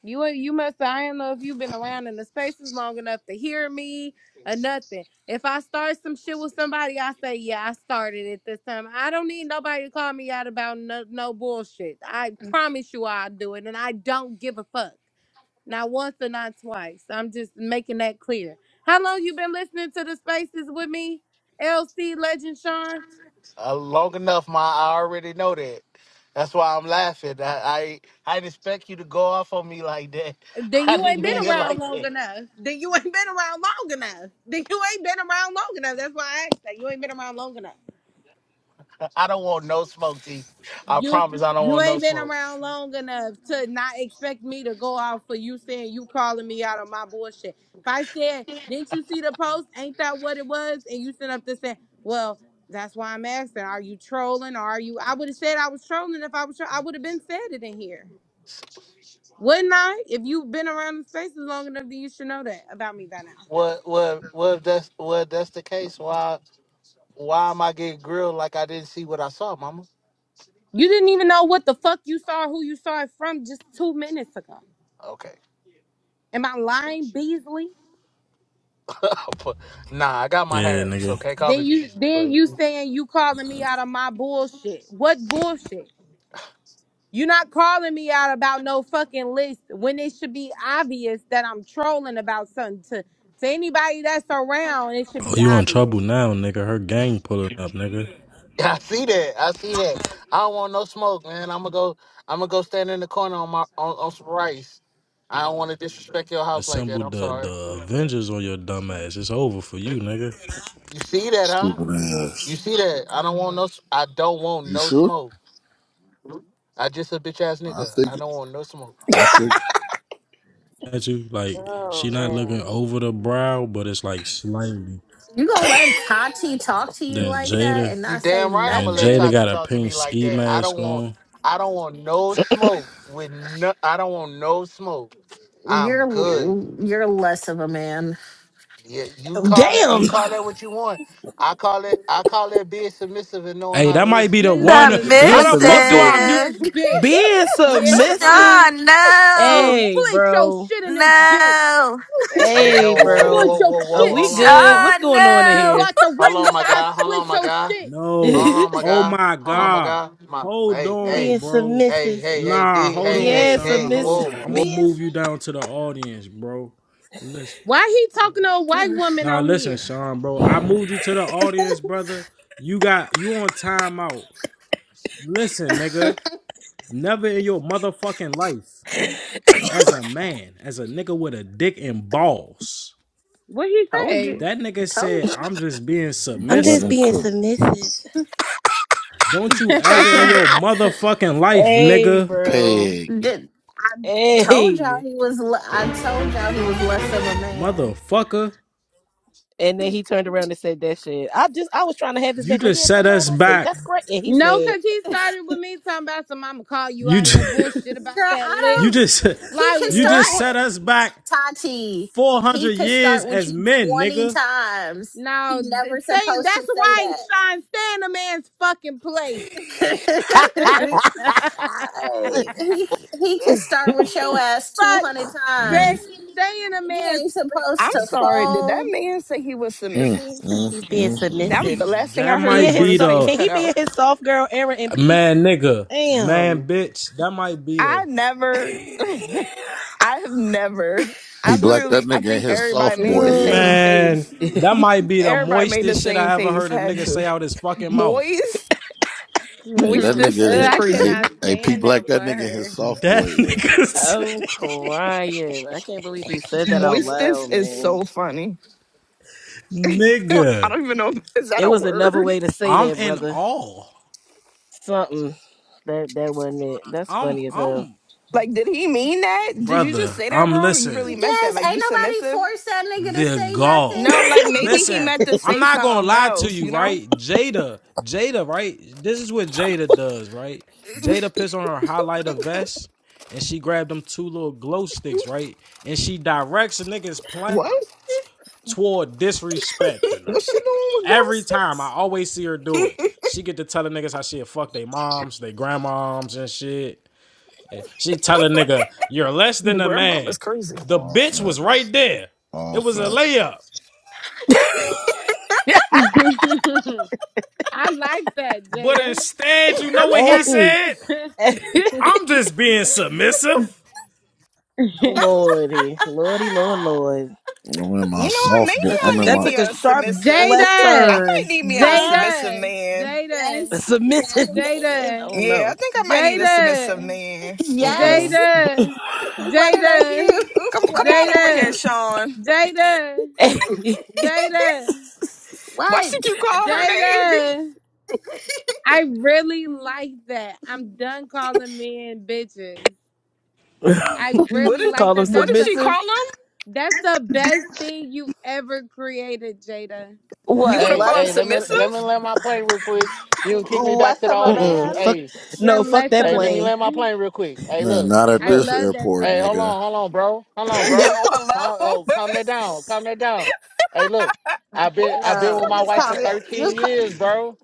You ain't- you must I don't know if you've been around in the spaces long enough to hear me or nothing. If I start some shit with somebody, I say, yeah, I started it this time. I don't need nobody to call me out about no, no bullshit. I promise you I'll do it, and I don't give a fuck. Not once or not twice. I'm just making that clear. How long you been listening to the spaces with me, LC Legend Sean?
Uh, long enough, my I already know that. That's why I'm laughing. I, I I didn't expect you to go off on me like that.
Then
I
you
didn't
ain't
mean
been
it
around
like
long
that.
enough. Then you ain't been around long enough. Then you ain't been around long enough. That's why I asked that. You ain't been around long enough.
I don't want no smoke, T. I
You
promise I don't
you
want no
ain't been
smoke.
around long enough to not expect me to go off for you saying you calling me out on my bullshit. If I said, didn't you see the post? Ain't that what it was? And you sent up this saying, well, that's why I'm asking. Are you trolling? Or are you? I would have said I was trolling if I was. Tro- I would have been said it in here, wouldn't I? If you've been around the spaces long enough, then you should know that about me by now.
What what what if that's what if that's the case? Why Why am I getting grilled like I didn't see what I saw, Mama?
You didn't even know what the fuck you saw, who you saw it from just two minutes ago.
Okay,
Am I lying, Beasley?
but nah, I got my
Yeah,
hair,
nigga.
so can't call me.
Then you
bitch,
then
But
you saying you calling me out of my bullshit. What bullshit? you not calling me out about no fucking list when it should be obvious that I'm trolling about something to to anybody that's around, it should
Oh,
be
you in trouble
obvious.
now, nigga. Her gang pulling up, nigga.
I see that. I see that. I don't want no smoke, man. I'm gonna go. I'm gonna go stand in the corner on my on, on some rice. I don't want to disrespect your house like that.
Assembled
I'm
the the
sorry.
Avengers on your dumb ass. It's over for you, nigga.
You see that, huh?
Stupid
You
ass.
see that? I don't want no. s- I don't want
You
no
sure?
smoke. I just a bitch ass
I
nigga.
think
I don't want no smoke.
I think
At you like she not looking
Oh
over the brow, but it's like slightly.
gonna let Tati talk to you
Then
like that
Jada
and
You
not say
damn right I'm gonna
and
let
nothing?
Jada
Tati
got a
talk to
pink
me like
ski
that. I don't
mask
want
on.
I don't want no smoke with no I don't want no smoke. I'm
You're
good.
you're less of a man.
Yeah, you
man.
call it
Damn.
you call it what you want. I call it I call it being submissive and knowing
Hey,
how to
that might be
listen.
the
Niggas
one.
finna
How
Being
the
split your
fuck do
submissive.
I
shit in
mute?
Submissive.
this bitch.
Being
Yeah,
submissive.
Divine.
Sean,
We
no.
Hey,
split your
bro.
shit in this bitch.
No.
Hey,
Hey,
You
oh,
split
whoa,
bro.
your
whoa, whoa,
Are
shit.
whoa,
we
hold on, hold
good?
on.
What's
Sean,
going on in
Just
no.
here?
like the
Hold
ring,
on,
nigga.
my
I
guy, hold
split
on, my
your
guy,
shit.
No.
hold on, my
Oh
guy,
my
hold on, my
god.
guy. My
Hold
hey,
on,
being
hey,
bro.
hey,
submissive.
hey, hey,
Nah,
B,
hold
hey,
on,
Yeah,
hey,
son.
hey,
Hold
submissive.
Whoa!
on. I'm
Whoa!
gonna
Being.
move you down to the audience, bro. Listen.
Why he talking to a white woman
Nah,
on
listen,
here?
Sean, bro. I moved you to the audience, brother. You got you on timeout. Listen, nigga. Never in your motherfucking life, as a man, as a nigga with a dick and balls,
What he
told
say?
you,
that nigga
told
said,
you.
"I'm just being
I'm
let
just
him
being
submissive."
cook.
submissive.
Don't you ever in your
Ah!
motherfucking life,
Hey,
nigga,
You
bro.
Pig.
Did told y'all
Hey.
he was. le- I told y'all he was less of a man.
motherfucker.
And then
Girl,
he turned around and said that shit. I just, I was trying to have his
You
back. Like,
just
yeah, no,
set
no,
us
don't say.
back.
That's great. And he
no,
said.
cause he started with me talking about some. I'ma call you
You
out of your
just,
bullshit about that list.
you
I don't.
just
He
Like
can
you
what?
just
start.
set us back
Tati,
four
he
hundred
could
years
start with
as
you
men,
20
nigga.
times. He
No, th-
never
stay.
supposed to
That's
say
why Sean stay in a man's fucking place.
that. Hey, he he could start with your ass
Fuck,
200
stay,
Mm.
times.
stay in a
He
man's.
ain't supposed
I'm
to
sorry. Did that
fold.
man say he was
Mm,
submissive?
He's
mm,
being
mm,
That was
submissive.
the
mm.
last thing I
That
He
heard
in
might
before
his
the
be
so-
space
the
can he
cut
be in
out.
his soft girl era in peace?
man nigga,
Damn.
man bitch. That might be
I
the
never, I have never,
P
I
Black, that
literally, I
nigga in
think
his soft
everybody made
boy
the
Ooh,
same
era.
man.
face.
That might be the
Everybody made the
moistest shit
same
I ever
face,
heard a
had
nigga
to.
say out his fucking mouth.
Moist,
Hey, that
hmm
moistest
nigga in
is
his,
I
hey,
cannot
crazy.
hey, P
stand
Black,
that
that nigga in his
word.
soft
That
boy era.
nigga
I'm
said-
crying. I can't believe he said that out
Moistest
loud,
is
man.
so funny. I
nigga.
don't even know, if- is that
It
a
was another
word?
way to say
I'm
that,
in
brother.
awe.
Something that that wasn't it. That's
I'm
funny as hell.
I'm
Like, did he mean that? Did you just
brother.
say that
I'm
wrong or you
listening.
really meant that?
Yes,
Like, you
ain't nobody
submissive?
forced that nigga to
the
say
gall.
No,
nothing.
like maybe he
Listen,
meant to
I'm
say
not gonna
something
lie to
else,
you,
you know?
right? Jada, Jada, right? This is what Jada does, right? Jada pissed on her highlighter vest and she grabbed them two little glow sticks, right? And she directs the niggas plan
What?
toward disrespecting her.
What's she doing with glow
Every time I
sticks?
always see her do it. She get to tell the niggas how she'll fuck they moms, they grandmoms and shit. And She tell a nigga, you're less
The
than a
grandmama's
man.
crazy.
The
All
bitch was
fact.
right there.
All
It was a
fact.
layup.
I like that,
But
Jada.
instead, you know
I'm
what he
sorry.
Oh,
said? I'm just being submissive.
lordy, lordy, lord, lord.
I'm in
You
my
know what? Maybe
soft boy.
Took a
I
I'm in
need
that
my,
me
took a
a
sharp
submissive.
left
I
Jada,
turn.
might need me a
Huh?
submissive
Jada,
man.
Jada,
A
yes,
submissive
yes,
man. Oh
Jada,
Yeah, I
no.
think I might need a submissive
Jada, Jada,
man.
Mm
yes.
Jada,
What did I
Jada,
do?
Come,
What
come
did I
on over here,
Jada,
do?
Sean.
Jada,
mm.
Why she
What?
keep calling her name?
Jada. I really like that. I'm done calling men bitches. I
What
really
is,
like
Call him
that.
what
That's
did
a
she
submissive.
call him?
that's the best thing you've ever created, Jada.
You
What
gonna
Hey,
call
less
him
hey, let me let me
submissive?
land my plane real quick. You can kick me back
less
to the
of a
Mm
audience.
mm.
man?
Fuck.
Hey,
You're
No. Fuck
less
that
of
hey,
a
let me
plane.
land my
man.
plane real quick. Hey,
man,
look,
not at
I
this
look.
love that,
airport,
Hey, hold
Jada.
nigga.
on, hold on, bro. Hold on,
Yo,
bro.
hello.
Calm,
who
oh, calm that down. Calm that down. Hey, look. I've been I've
the
been
No,
with
fuck
my
you
is
wife for
calm. your-
that?
You
13
calm.
years, bro.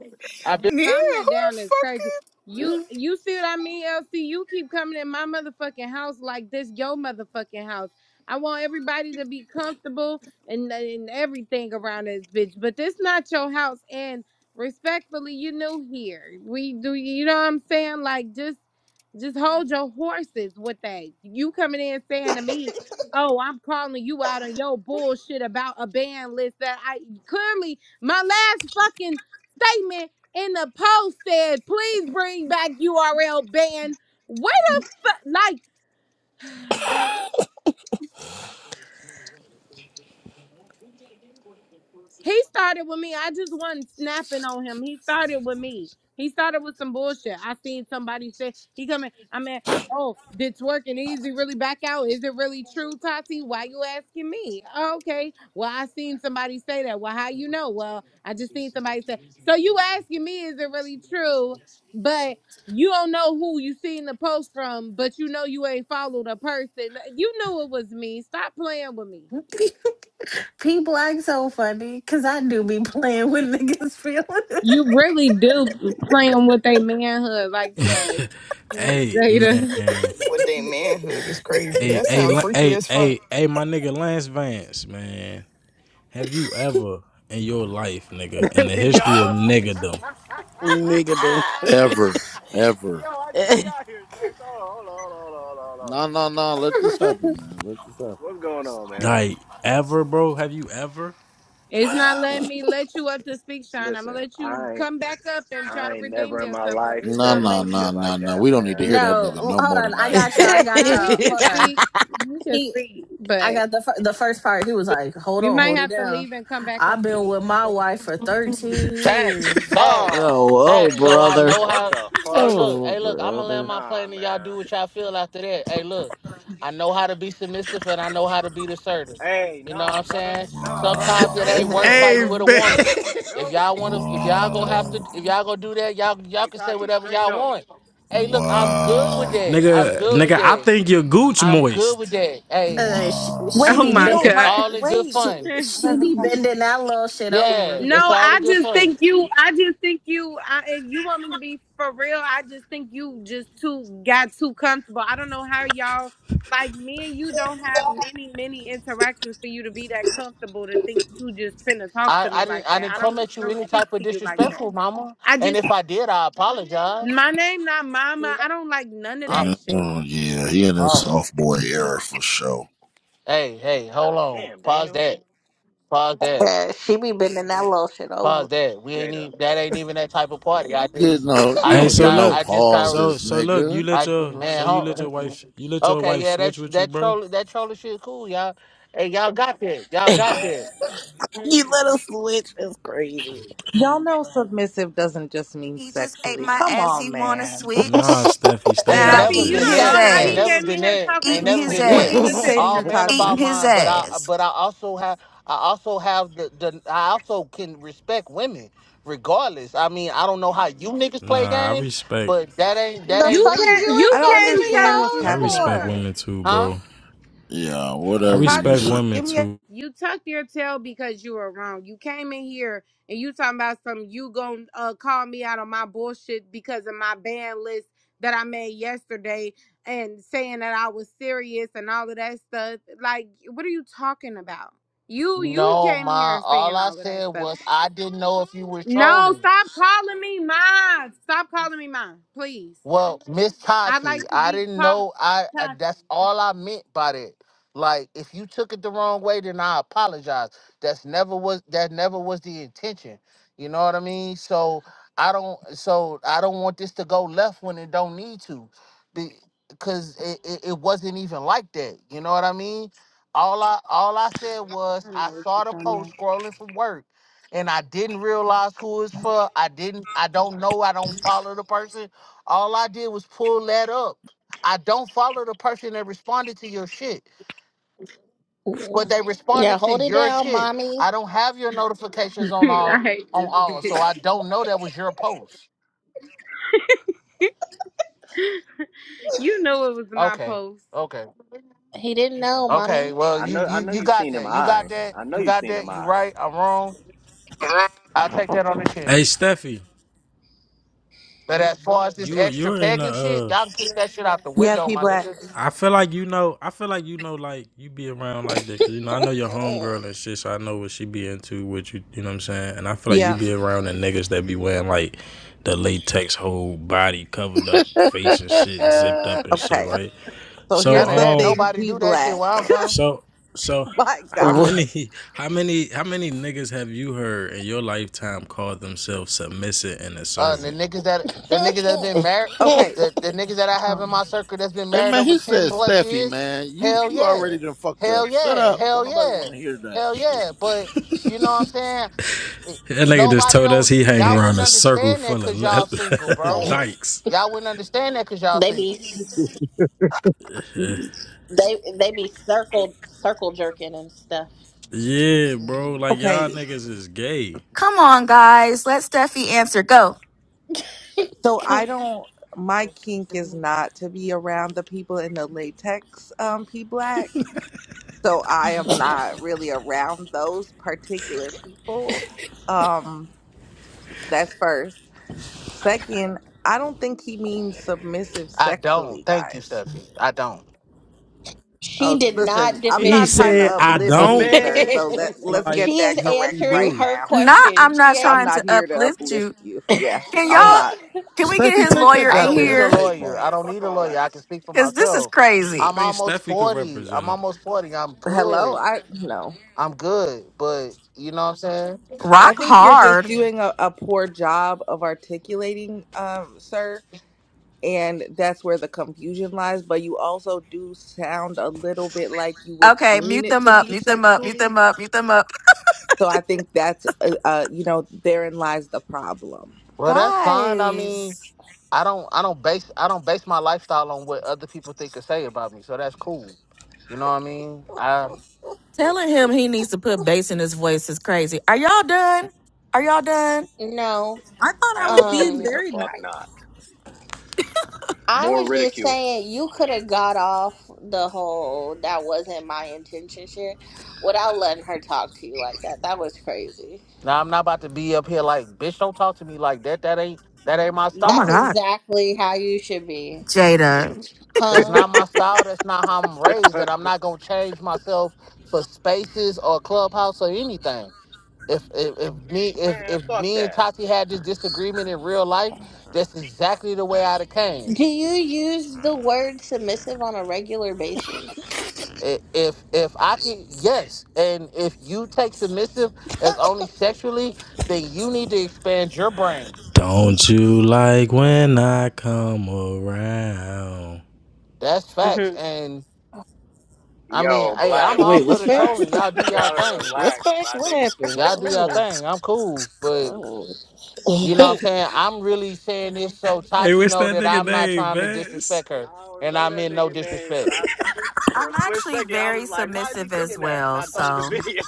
I've been.
Calm
Yeah,
that
who the
down is
fuck?
crazy.
Is,
You you see what I mean, LC? You keep coming in my motherfucking house like this your motherfucking house. I want everybody to be comfortable and, and everything around this bitch. But this not your house and respectfully, you new here. We do you know what I'm saying? Like just just hold your horses with that. You coming in saying to me, Oh, I'm calling you out on your bullshit about a ban list that I clearly my last fucking statement in the post said, please bring back URL ban. What the fuck? Like, He started with me. I just wasn't snapping on him. He started with me. He started with some bullshit. I seen somebody say he coming. I mean, oh, did twerk and easy really back out? Is it really true, Tati? Why you asking me? Okay. Well, I seen somebody say that. Well, how you know? Well, I just seen somebody say. So you asking me is it really true? But you don't know who you seen the post from, but you know you ain't followed a person. You knew it was me. Stop playing with me.
People act so funny because I do be playing with niggas' feelings.
You really do playing with their manhood like that,
Hey
Jada.
man,
with their manhood is crazy.
hey
That
hey
sounds freaky
hey
as fuck.
hey hey, my nigga Lance Vance, man. Have you ever in your life, nigga, in the
Yo. Yo,
history of niggerdom,
Nigga do.
Ever. Ever.
I just got here, sir. Hold on, hold on, hold on, hold on, hold on.
No, no, no. Let this happen, man. Let this happen.
What's going on, man?
like ever, bro? Have you ever,
It's not letting me let you up to speak, Sean. I'm gonna
Listen,
let you
I ain't-
come back up and try
I
to
ain't
redeem
never in my
yourself, but
life
it's
No,
said
not
no,
no
letting.
no,
shit
no,
like
no.
that,
We don't need to
man.
hear that
no,
nigga
hold
no more
on. I
tonight.
got y'all. I got
Now he
y'all.
can
Hold on.
speak. He can
He,
speak,
I
but
got the fir- the first part. He was like, "Hold
you
on,
might
hold it
have to
down."
leave and come back up.
I've been
Soon.
with my wife for thirteen
Facts,
years.
oh
facts,
Oh
oh
facts.
man,
So I
brother.
know
what
how.
the
Hey,
fuck?
look,
Oh
hey, look. I'm gonna land
brother.
my
Nah,
plane and y'all
man.
do what y'all feel after that. Hey, look, I know how to be submissive and I know how to be assertive.
Hey,
You know what
nah,
I'm
brother.
saying?
Nah, brother.
Sometimes it
Nope,
ain't worth
nope,
Wow.
Hey,
fighting
nope,
with a
man.
nope,
woman. If
nope,
y'all wanna, if y'all gonna
nope.
have to, if
Wow.
y'all gonna do that, y'all y'all
Hey,
can say
Tati,
whatever
scream
y'all
no.
want. Hey, look, I'm good with
Wow.
that. I'm
nigga,
good with
nigga? I
that.
think your gooch
I'm good with
moist.
that. Hey,
Uh, she, she
Wow.
Oh
Wait,
be,
we
be
my
don't
it's
god.
all
like.
in good
Wait,
She
fun.
I
she
have a
be
question.
bending that little shit
Yeah,
over.
No,
it's all
I
in good
just
fun.
think you. I just think you. I, if you want me to be for real, I just think you just too got too comfortable. I don't know how y'all like me and you don't have many many interactions for you to be that comfortable to think you just finna talk
I,
to
I
me
didn't
like
I
that.
didn't
I
come
don't
at
I
you
don't
any
speak
type of
to you like that.
disrespectful, mama.
I
And
just
if I did, I apologize.
my name not Mama. I don't like none of
I,
that shit.
Oh, yeah, he in his
oh,
soft boy era for sure.
hey, hey, hold
God
on.
damn,
Pause
Daniel.
that. Pause that.
Yeah, she be bending that little shit
Pause
over.
that. We ain't
Jada,
even that ain't even that type of party. I just
Get no,
I
you
Hey,
don't
just
so
get
got
no
look,
I just got
so
pauses,
so look,
nigga.
you let
I
your so
man.
you let your
Hold,
wife you let your
okay,
wife
yeah,
switch
that's
with you,
that
bro?
troll that troller shit cool, y'all. Hey, y'all got that. Y'all got that.
you let us switch. That's crazy.
y'all know submissive doesn't just mean
He just ate
sexually.
my
Come
ass.
on,
He want to
man.
Nah,
switch.
Steffi, stay
Ain't
Now
Steffi,
I'm
out of
never
Steffi,
you
eating
been
don't
his
this.
know
that.
how
Ain't
he
Steffi,
never
ass.
came
been
in here
that.
talking to
Ain't
Eating
me
never
for
his
been
you
What
to
that.
did
be
he
ass.
say to
defending
All
him.
you,
man
Eating
about
Tati?
his
mine, but I
ass.
but I also have I also have the, the I also can respect women regardless. I mean, I don't know how you niggas play
Nah, I
games,
respect.
but that ain't that
the
ain't
You
fuck is
me.
can't.
you
I
You
don't
respecting
can't
these
tell
understand
me
what's
I
none. Hold
respect
on.
happening.
hoes
women too,
Huh?
bro.
Yeah,
I
whatever you
respect
say.
Tati,
women
give me a.
too.
You tucked your tail because you were wrong. You came in here and you talking about some you gonna uh, call me out on my bullshit because of my ban list that I made yesterday and saying that I was serious and all of that stuff. Like, what are you talking about? You you
No,
came in
ma.
here
All
saying
I
all of that
said
stuff.
was I didn't know if you were
No,
trolling.
stop calling me mine. Stop calling me mine, please.
Well, Miss
I'd
Tati,
like to
I
be
didn't
called
know. I, I
Tati.
that's all I meant by that. Like, if you took it the wrong way, then I apologize. That's never was that never was the intention. You know what I mean? So I don't. So I don't want this to go left when it don't need to, because it, it, it wasn't even like that. You know what I mean? All I all I said was
I know
I
what
saw
you're
the
talking about.
post scrolling from work, and I didn't realize who it's for. I didn't. I don't know. I don't follow the person all I did was pull that up. I don't follow the person that responded to your shit,
for?
but they
Yeah,
responded to
hold it
your
down,
shit.
mommy.
I don't have your notifications on all
I hate
on
this.
all, so I don't know that was your post.
You knew it was my
Okay,
post.
okay,
He didn't know,
okay.
mommy.
Well,
I
you
know, I
you
know
you
you've
got
seen them
that. You got
eyes.
that.
I know
You
you've
got
seen them
that. You
eyes.
right. I'm wrong. I'll take that on the chin.
Hey, Steffi,
But as far as this
you
extra
you're in the.
pegging shit,
Uh,
y'all can kick that shit out the
Yeah,
window,
P
my
Black.
nigga.
I feel like you know. I feel like you know. Like you be around like that, 'cause you know I know your homegirl and shit. So I know what she be into. What you you know what I'm saying. And I feel like you
Yeah.
be around the niggas that be wearing like the latex whole body covered up, face and shit zipped up and shit,
Okay.
right?
So
None
So
of
here's the
that.
um.
thing,
Nobody
P
do that shit
Black.
where I'm from.
So so
My
how
God.
What?
many how many how many niggas have you heard in your lifetime call themselves submissive and a
Uh, the
servant?
niggas that the
they
niggas that's been married,
Okay.
the, the niggas that I have
Oh.
in my circle that's been
hey
married
man,
over
he
ten
said
plus
Steffi,
years,
man. You
hell
you
yeah,
already done fucked
hell
up. Shut
yeah,
up. Don't
hell
nobody
yeah,
wanna hear that
hell
shit.
yeah. But you know what I'm saying? It-
That nigga just
Nobody
told us
don't
he hang
y'all
around
wouldn't
a circle
understand that
full of
cause y'all single,
le-
bro.
dykes.
Y'all wouldn't understand that cause y'all
be
single.
Hmm.
they they be circle circle jerking and stuff.
Yeah, bro. Like y'all
Okay.
niggas is gay.
Come on, guys. Let Steffi answer. Go.
So I don't. My kink is not to be around the people in the latex, um, P Black. so I am not really around those particular people. Um, that's first. Second, I don't think he means submissive
I don't.
sexually,
Thank you,
guys.
Steffi. I don't.
She
Oh,
did
listen,
not
I'm
He
not
defend
trying to
said,
you.
I
uplift you,
don't.
sir.
Man,
So that let's
Like,
get
She is
that
he
correct
answering
right
do.
her
now.
Not,
question.
I'm
She
not
I'm
ain't.
trying
not
to
here to
uplift
uplift
you.
you. Yeah,
Can
I'm
y'all,
Yeah.
not.
can we get
Steffi,
his
take that
lawyer
man,
I
let
in
us
don't need
goddamn
a
here?
ridicule
cape
you,
lawyer.
off.
I
man.
don't
Fuck
need a
all
lawyer.
that.
I can speak for
Because this is
myself.
I
I'm
crazy.
think
almost
Steffi could
forty.
represent
I'm
him.
almost forty. I'm
Hello,
good.
I no.
I'm good. But you know what I'm saying?
I
Rock
think you're just
hard.
doing a, a poor job of articulating, um, sir. and that's where the confusion lies but you also do sound a little bit like you would
Okay,
mean
mute
it
them
to
up,
be
mute them up, mute them
sexually
up, mute them up.
so i think that's uh, uh you know therein lies the problem
Well, that's fine. I mean,
Guys,
I don't I don't base I don't base my lifestyle on what other people think or say about me. So that's cool. You know what I mean? I
telling him he needs to put bass in his voice is crazy. Are y'all done? Are y'all done?
No.
i thought i was being
Absolutely
Um.
the
very
fuck
nice
not.
I
More
was just
ridicule.
saying you could have got off the whole that wasn't my intention shit without letting her talk to you like that. That was crazy.
now I'm not about to be up here like, bitch, don't talk to me like that. That ain't that ain't my
Oh my
That's
style.
God.
exactly how you should be.
Jada.
That's
Huh?
not my style. That's not how I'm raised. And I'm not gonna change myself for spaces or clubhouse or anything. If if, if me if
Man,
if
fuck
me and
that.
Tati had this disagreement in real life, that's exactly the way I'd have came.
Do you use the word submissive on a regular basis?
I- if if I can yes, and if you take submissive as only sexually, then you need to expand your brain.
Don't you like when I come around?
That's facts.
hmm
And I mean,
Yo,
hey, I'm
black,
all
Wait.
for
What's
the
black,
facts?
trolling. Y'all do
you
y'all
gotta
thing.
What's
relax,
facts?
my
What
nigga.
happened?
Y'all do y'all
Oh.
thing. I'm cool. But
Oh.
you know what I'm saying? I'm really saying this so
Hey,
Tati
what's
know
that
that
nigga
I'm not
name,
trying to
Vance?
disrespect her.
I don't
And
know
I
that
mean no
nigga name, but
disrespect.
I for
I'm
a split
actually
second I
very
was like, why is he
submissive as
singing that? And
well.
I thought of the
So
video.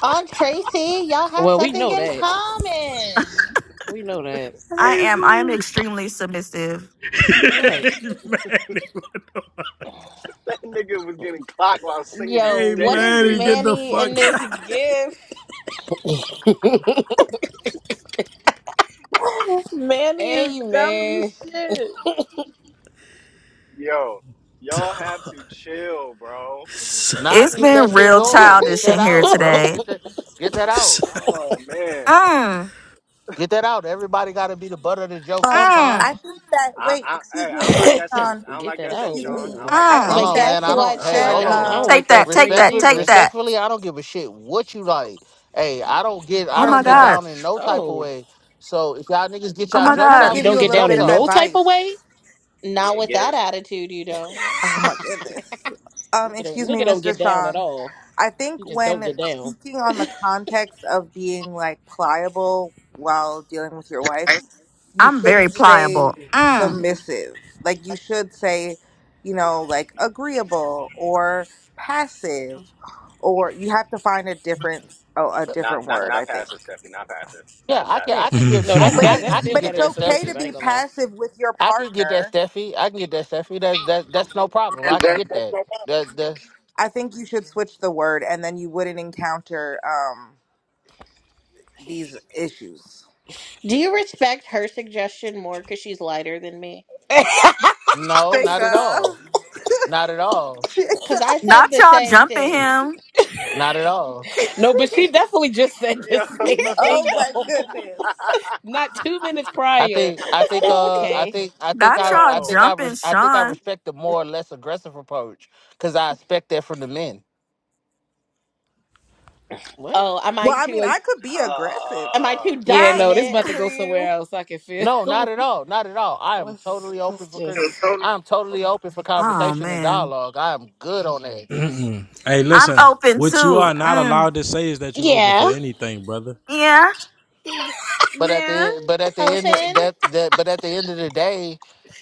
Aunt Tracy, y'all have
well, we
something
know
in
that.
common.
We know that.
I
Hey,
am, I am
bro.
extremely submissive.
Right.
that nigga was getting clocked while I was
Yo,
singing
Hey
what
Daniel
is
man, you
Caesar.
get the
Manny in
fuck
this gift? Manny is dumb
Amen.
as shit.
Yo, y'all
out.
have to chill, bro.
Nah,
It's
keep that
been
shit
real
My
going.
fucking
Get
childish
that
in
chest
here
out,
hurt.
bro.
today.
Get that get that out.
Oh man.
Mm,
Get that out. Everybody gotta be the butt of the joke
Um,
sometime.
I
mm,
think that
I,
wait,
I,
excuse
hey, I
me,
don't like
Mr.
that sentence.
Sean,
I don't
get
like
that
that sentence,
out.
excuse
Sean.
me.
I don't
Whoa.
like
I
that
Hold
mm.
think
But
sentence.
on,
that
man.
guess
I don't.
what,
I don't
Hey,
I
like
instead
hold
that
don't, I
Sean?
on.
sentence.
don't
of
Take
like that
that, take
phrase
that,
Respectfully,
take
either.
that.
respectfully, I don't give a shit what you like. Hey, I don't get.
Oh
I
my
first
don't
of
But.
get
I
all
don't
God.
like.
down in no type of
Oh,
way. So if y'all niggas get
Oh
y'all
my
I'm
jokes
trying to
God.
you
off,
give
don't
you
get
a
your
get
little
down
bit
jokes
in
of
Yeah,
no
off.
type of
advice.
way.
Not
yeah,
with
get it.
that attitude, you don't.
Oh my goodness. Um,
Nigga don't,
excuse me,
nigga don't get
Mr.
down at
Sean.
all.
I think
He just don't
when
get down.
speaking on the context of being like pliable while dealing with your wife, you
I'm very
shouldn't say
pliable. Mm.
submissive. Like you should say, you know, like agreeable or passive, or you have to find a different oh, a
Not,
different
not,
word. I
not
think.
passive, Stephanie. Not passive. That,
Yeah, I
that.
can.
Right.
I can give.
No,
I
that's
can.
But
bet.
he,
I,
That's
I can
still
but
get
better
it's
than
that
okay
submissive.
to
Steffi.
I
be
ain't gonna
passive with your
I can get that
partner.
Steffi. I can get that Steffi. That's that. That's no problem. I can get that. That. That's
I think you should switch the word, and then you wouldn't encounter. Um, these issues.
Do you respect her suggestion more because she's lighter than me?
lie.
no, not at
Jada.
all. Not at all.
Because
Jada.
I
Not
said the
y'all
same
jumping
thing.
him.
Not at all.
no, but she definitely just said the
Yo,
same thing
Oh my
though.
goodness.
Not two minutes
I
prior,
think I
he said,
think
"Oh,
uh I
okay."
think I think
Not
I
y'all
I
yo,
think I
jumping
res- I think I
Sean.
respect the more or less aggressive approach because I expect that from the men.
What?
oh, am I
Well, I mean,
too
I could be aggressive.
am I too
Yeah,
Hey.
no, this about
dominant
to
for
go
you?
somewhere else. I can feel.
No, not at all, not at all. I am
let's
totally open
let's
for criti-
just
I am totally open for
Oh
conversation and
man,
dialogue. I am good on that.
hey,
I'm
listen.
open
What you
too.
are not
Mm,
allowed to say is that you open for
Yeah.
anything, brother.
yeah,
But at the
Yeah.
end, but at the end of
Open,
that that but at the end of the day,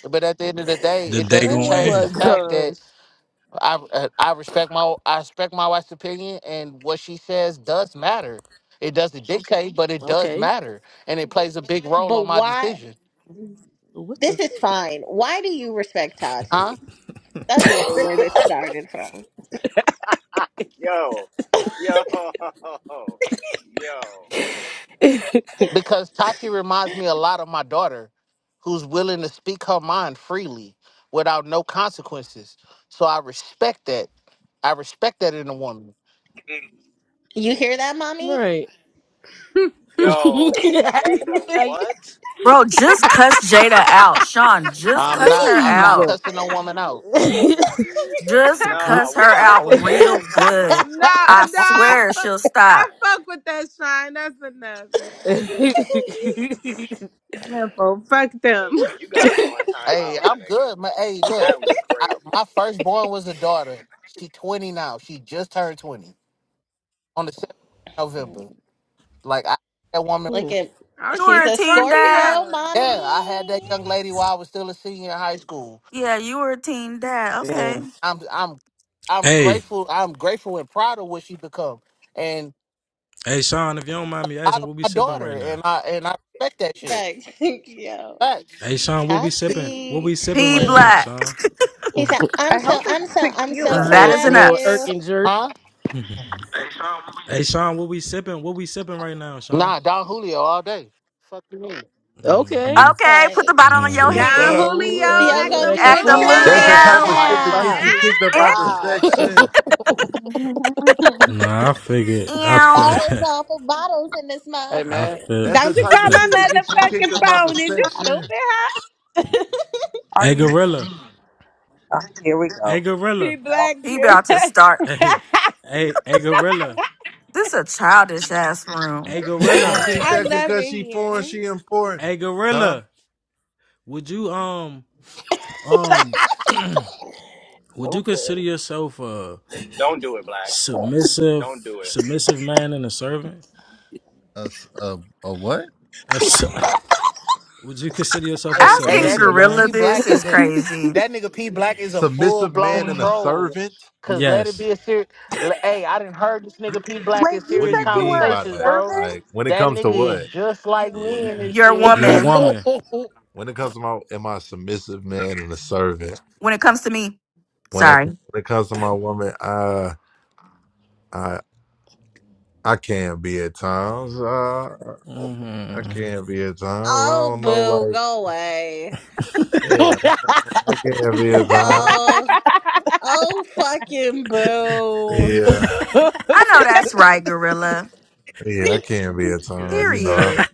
but at the end of the day,
The
it
day
doesn't
gonna
Oh
change
my
the
end.
fact that
gosh.
I uh, I respect my I respect my wife's opinion, and what she says does matter. It doesn't dictate, but it does
Okay.
matter, and it plays a big role
but
on my
why?
decision,
What
This
the
is fine. Why do you respect
huh?
Tati? That's really where this started from.
Ah. yo, yo, yo,
f-
Because Tati reminds me a lot of my daughter, who's willing to speak her mind freely without no consequences. So I respect that. I respect that in a woman.
You hear that, mommy?
Right.
yo, Jada.
I-
What?
bro, just cuss Jada out, Sean. Just
I'm
cuss
not
her
I'm
Please.
not
out.
cussing no woman out.
Just
Nah,
cuss
we
her
gotta
out
put Jada
real
in
good.
timeout,
No,
bro.
uh,
I
no, I,
swear
fu-
she'll
I
stop.
fuck with that shine. That's enough. man. Simple. Fuck them.
Jada, you gotta go in timeout,
Hey,
my
I'm
nigga.
good. My hey, look,
That was
I,
crazy.
my firstborn was a daughter. She 20 now. She just turned 20. on the 7th of November. Like I that woman
Look at
Oh,
You
she
she's
were a
is
a
teen dad.
Scorpio,
Scorpio.
yeah, I had that
mommy.
young lady while I was still a senior in high school.
Yeah, you were a teen dad. Okay,
Damn.
I'm I'm I'm
Hey,
grateful I'm grateful and proud of what she become. And
hey Sean, if you don't mind me
out
asking,
of
what we
my
sipping
daughter
right now?
and I and I respect that shit.
Like, yo,
Facts.
Hey Sean, what we sipping? What we
Tati,
sipping
P
right now,
he
Black.
Sean?
he said, "I'm
I
so,
hope
I'm
it's
so, I'm so
tequila.
That
Little,
is
proud of
little
enough.
you."
irking jerk.
Huh?
hey Sean, what we sipping? What we sipping right now, Sean?
Nah, Don Julio all day. Fuck you mean?
hmm
Okay.
hmm
Okay, put the
Like,
bottle on your
Ooh,
Don
duh,
head.
ooh,
Julio,
uh,
yo,
act
ooh,
the
gonna
like
do
the
the
Act a
Julio.
trick
That's the
foolio.
every
type
foolio.
of shit to
time.
get
Yeah.
you kicked
Ah!
up out
Eh,
the section.
Nah, I figured. I feel.
Ew.
Bottles off of bottles in this
I
motherfucker.
feel.
That's the
Don't you
type
call
of
my
shit to get you kicked
motherfucking
up out the
phone. Is you stupid,
section.
huh?
Are
hey
you?
Gorilla.
Oh, here we
Hey
go.
Gorilla.
P
Well,
Black.
He about to start.
Hey, hey, hey, gorilla,
This a childish ass room.
hey,
She
gorilla,
think
I
that
love
because
it
she foreign,
here.
she important,
hey,
huh?
gorilla. Would you um um would you consider
okay.
yourself a
Don't do it, Black.
submissive
Don't do it.
submissive man and a servant?
A, s- a- a what?
A su- would you consider yourself a
Hey, hey,
Asking
that
submissive
nigga
man?
gorilla
P
this
Black
is
is a
crazy.
that nigga P Black is a full
Submissive man
blown
and a
troll.
servant.
Cause let it
Yes.
be a serious. Hey, I didn't heard this nigga P Black in
Wait, you
What do
serious
you
said you
mean
were
by
a
conversations,
that?
bro.
servant?
Like when it
That
comes
nigga
to
is
what?
just like
Yeah.
me in this
You're a
shit.
Your
woman
woman.
When it comes to my, am I a submissive man and a servant?
when it comes to me.
When I when
Sorry.
it comes to my woman, I I I can be at times. Uh, I
hmm
can be at times. I
Oh,
don't know, like.
boo, go away.
Yeah, I can be at times.
Oh, oh, fucking boo.
Yeah,
I know that's right, gorilla.
yeah, I can be at
Yeah.
times. You know, I,
Period.
that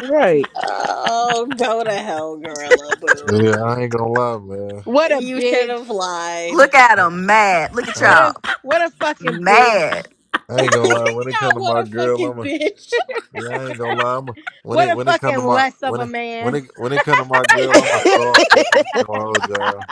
right.
Oh, go to hell, gorilla boo.
yeah, I ain't gonna lie, man.
what a
You should
bitch.
have lied.
Look at
I,
him mad. Look at
I,
What
y'all
a what a fucking bitch.
mad.
I
You're
ain't gonna lie. When it come
not
to
what
my
a
girl,
fucking
I'm a
bitch.
yeah. I ain't gonna lie. I'm a, when
What
it
a
when it come to
fucking
my
less of
when
a
it when
man.
it when it come to my girl, I'm a softy. I ain't gonna hold y'all.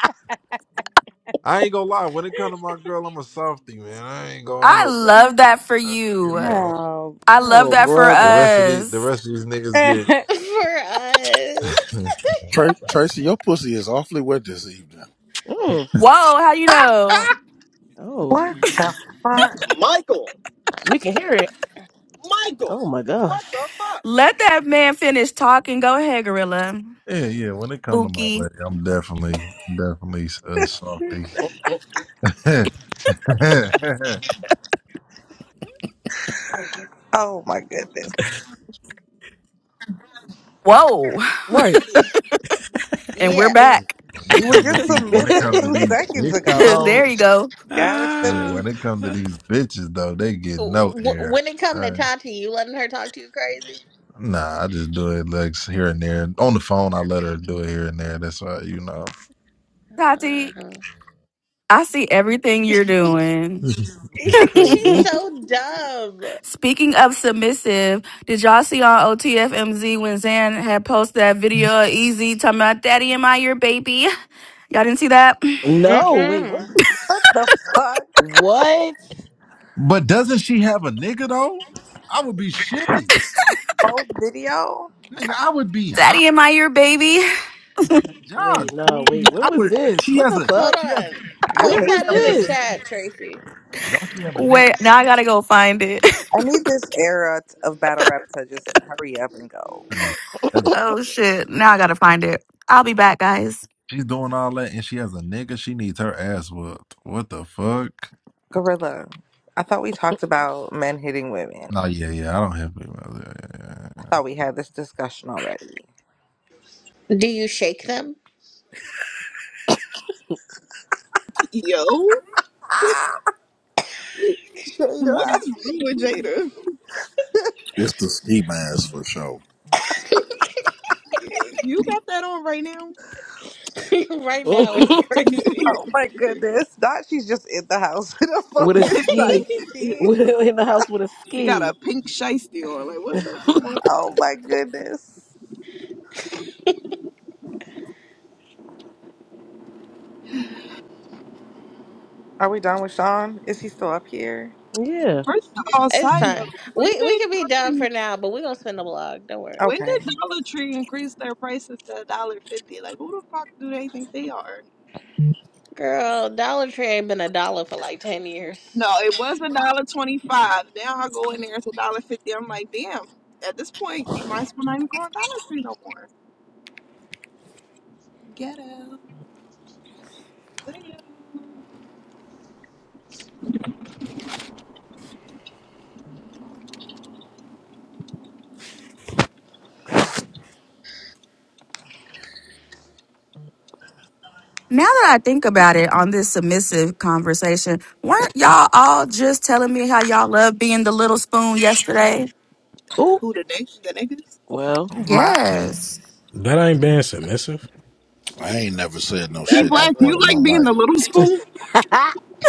I ain't gonna lie. When it come to my girl, I'm a softy, man. I ain't gonna
I
hold y'all.
love that for
You
you.
know,
Oh.
I love
Oh,
that for
the
brother.
rest of these the
us.
rest of these niggas
for us.
get.
Tr- Tracy, your pussy is awfully wet this evening.
Hmm.
Whoa, how you know?
Oh,
what the fuck?
Michael,
we can hear it.
Michael,
Oh my gosh.
what the fuck?
Let that man finish talking. Go ahead, gorilla.
Yeah, yeah. When it comes to my
Buki.
leg, I'm definitely, definitely a softy.
Oh, oh,
Oh my goodness.
um,
Whoa.
Right.
And we're
Yeah, w-
back.
when it
You were
comes to
just
these, when it
submissive
comes to
two
these
seconds
bitches
ago.
though,
there you go.
Now it's the
yeah, when it
bitch.
comes to these bitches though, they get no
w-
air.
when it
All
come to
right.
Tati, you letting her talk to you crazy?
Nah, I just do it like here and there. On the phone, I let her do it here and there. That's why you know.
Tati,
Uh-huh.
I see everything you're doing.
She's
Crazy.
so dumb.
Speaking of submissive, did y'all see on OTFMZ when Zan had posted that video of Easy talking about Daddy in my ear, baby? Y'all didn't see that?
No, wait, what?
Mm-mm.
The fuck?
What?
But doesn't she have a nigga though? I would be shitty,
Old video?
nigga. I would be hot,
Daddy in my ear, baby.
y'all.
Wait, no,
Cool.
wait, when
I
was
would.
this?
She
What
has
the
a.
Hold
fuck?
She has.
on,
I
Don't
When
post
she
was
that
have?
in
hate
the
it.
this?
chat, Tracy.
Don't she have a nigga?
Wait, now I gotta go find it.
I need this era t- of battle rap to just hurry up and go.
Hey,
I'm
if
sick of
oh
it.
shit, now I gotta find it. I'll be back, guys.
she's doing all that and she has a nigga, she needs her ass whooped. What the fuck?
Gorilla, I thought we talked about men hitting women.
No, yeah, yeah, I don't have big mouth. Yeah, yeah, yeah,
I
yeah.
thought we had this discussion already.
Do you shake them?
Yo,
Ah,
what
Jada.
is wrong with Jada?
It's the ski mask for sure.
You got that on right now?
right now, it's crazy.
Oh my goodness. Not she's just in the house with a
with a
fucking
ski.
shiesty.
With in the house with a
She got a
ski.
pink shiesty on. Like, what the fuck?
Oh my goodness. Are we done with Sean? Is he still up here?
Yeah.
First of all,
it's
side
fine.
note, when
We we
did
can be done
fucking
for now, but we gonna spend the blog. Don't worry,
when
Okay.
did Dollar Tree increase their prices to a dollar fifty? Like, who the fuck do they think they are?
girl. Dollar Tree ain't been a dollar for like ten years.
No, it was a dollar twenty five. Now I go in there, it's a dollar fifty. I'm like, damn. At this point, might as well not even go Dollar Tree no more. Ghetto. Damn.
Now that I think about it on this submissive conversation, weren't y'all all just telling me how y'all love being the little spoon yesterday?
Oh,
Who the nigg the niggas?
well.
My
Yes,
ain't being submissive.
I ain't never said no
P
That
shit
that's
Black,
like that
you
one
in my
some
like being the
life.
little spoon?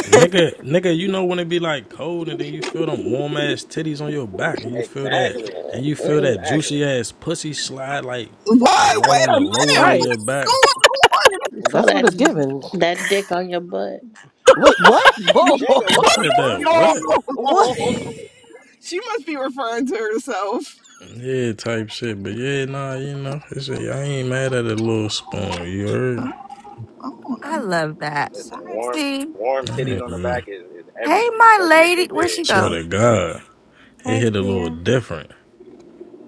Nigga, nigga, you know when it be like cold and then you feel them warm ass titties on your back and you feel that
exactly,
and you feel
Mm,
that
exactly.
juicy ass pussy slide like like
Why?
right
Wait
on
a
the
minute.
lower of
right.
your
What's
back.
going on?
For
That's what
that
it's given.
that dick on your butt.
Wait, what? Whoa.
Jada,
You
what the
said that
fuck?
Yo!
what?
what?
she must be referring to herself.
Yeah, type shit. But yeah, nah, you know, it's a, I ain't mad at a little spoon. You heard?
I love that.
Listen,
Sorry.
warm
See,
warm
I
titties
ain't-
on the back
mm,
is, is
hey,
everything,
my
especially if
lady,
they
where'd
big.
she
swear
go?
to God, it
Heck
hit a little
yeah.
different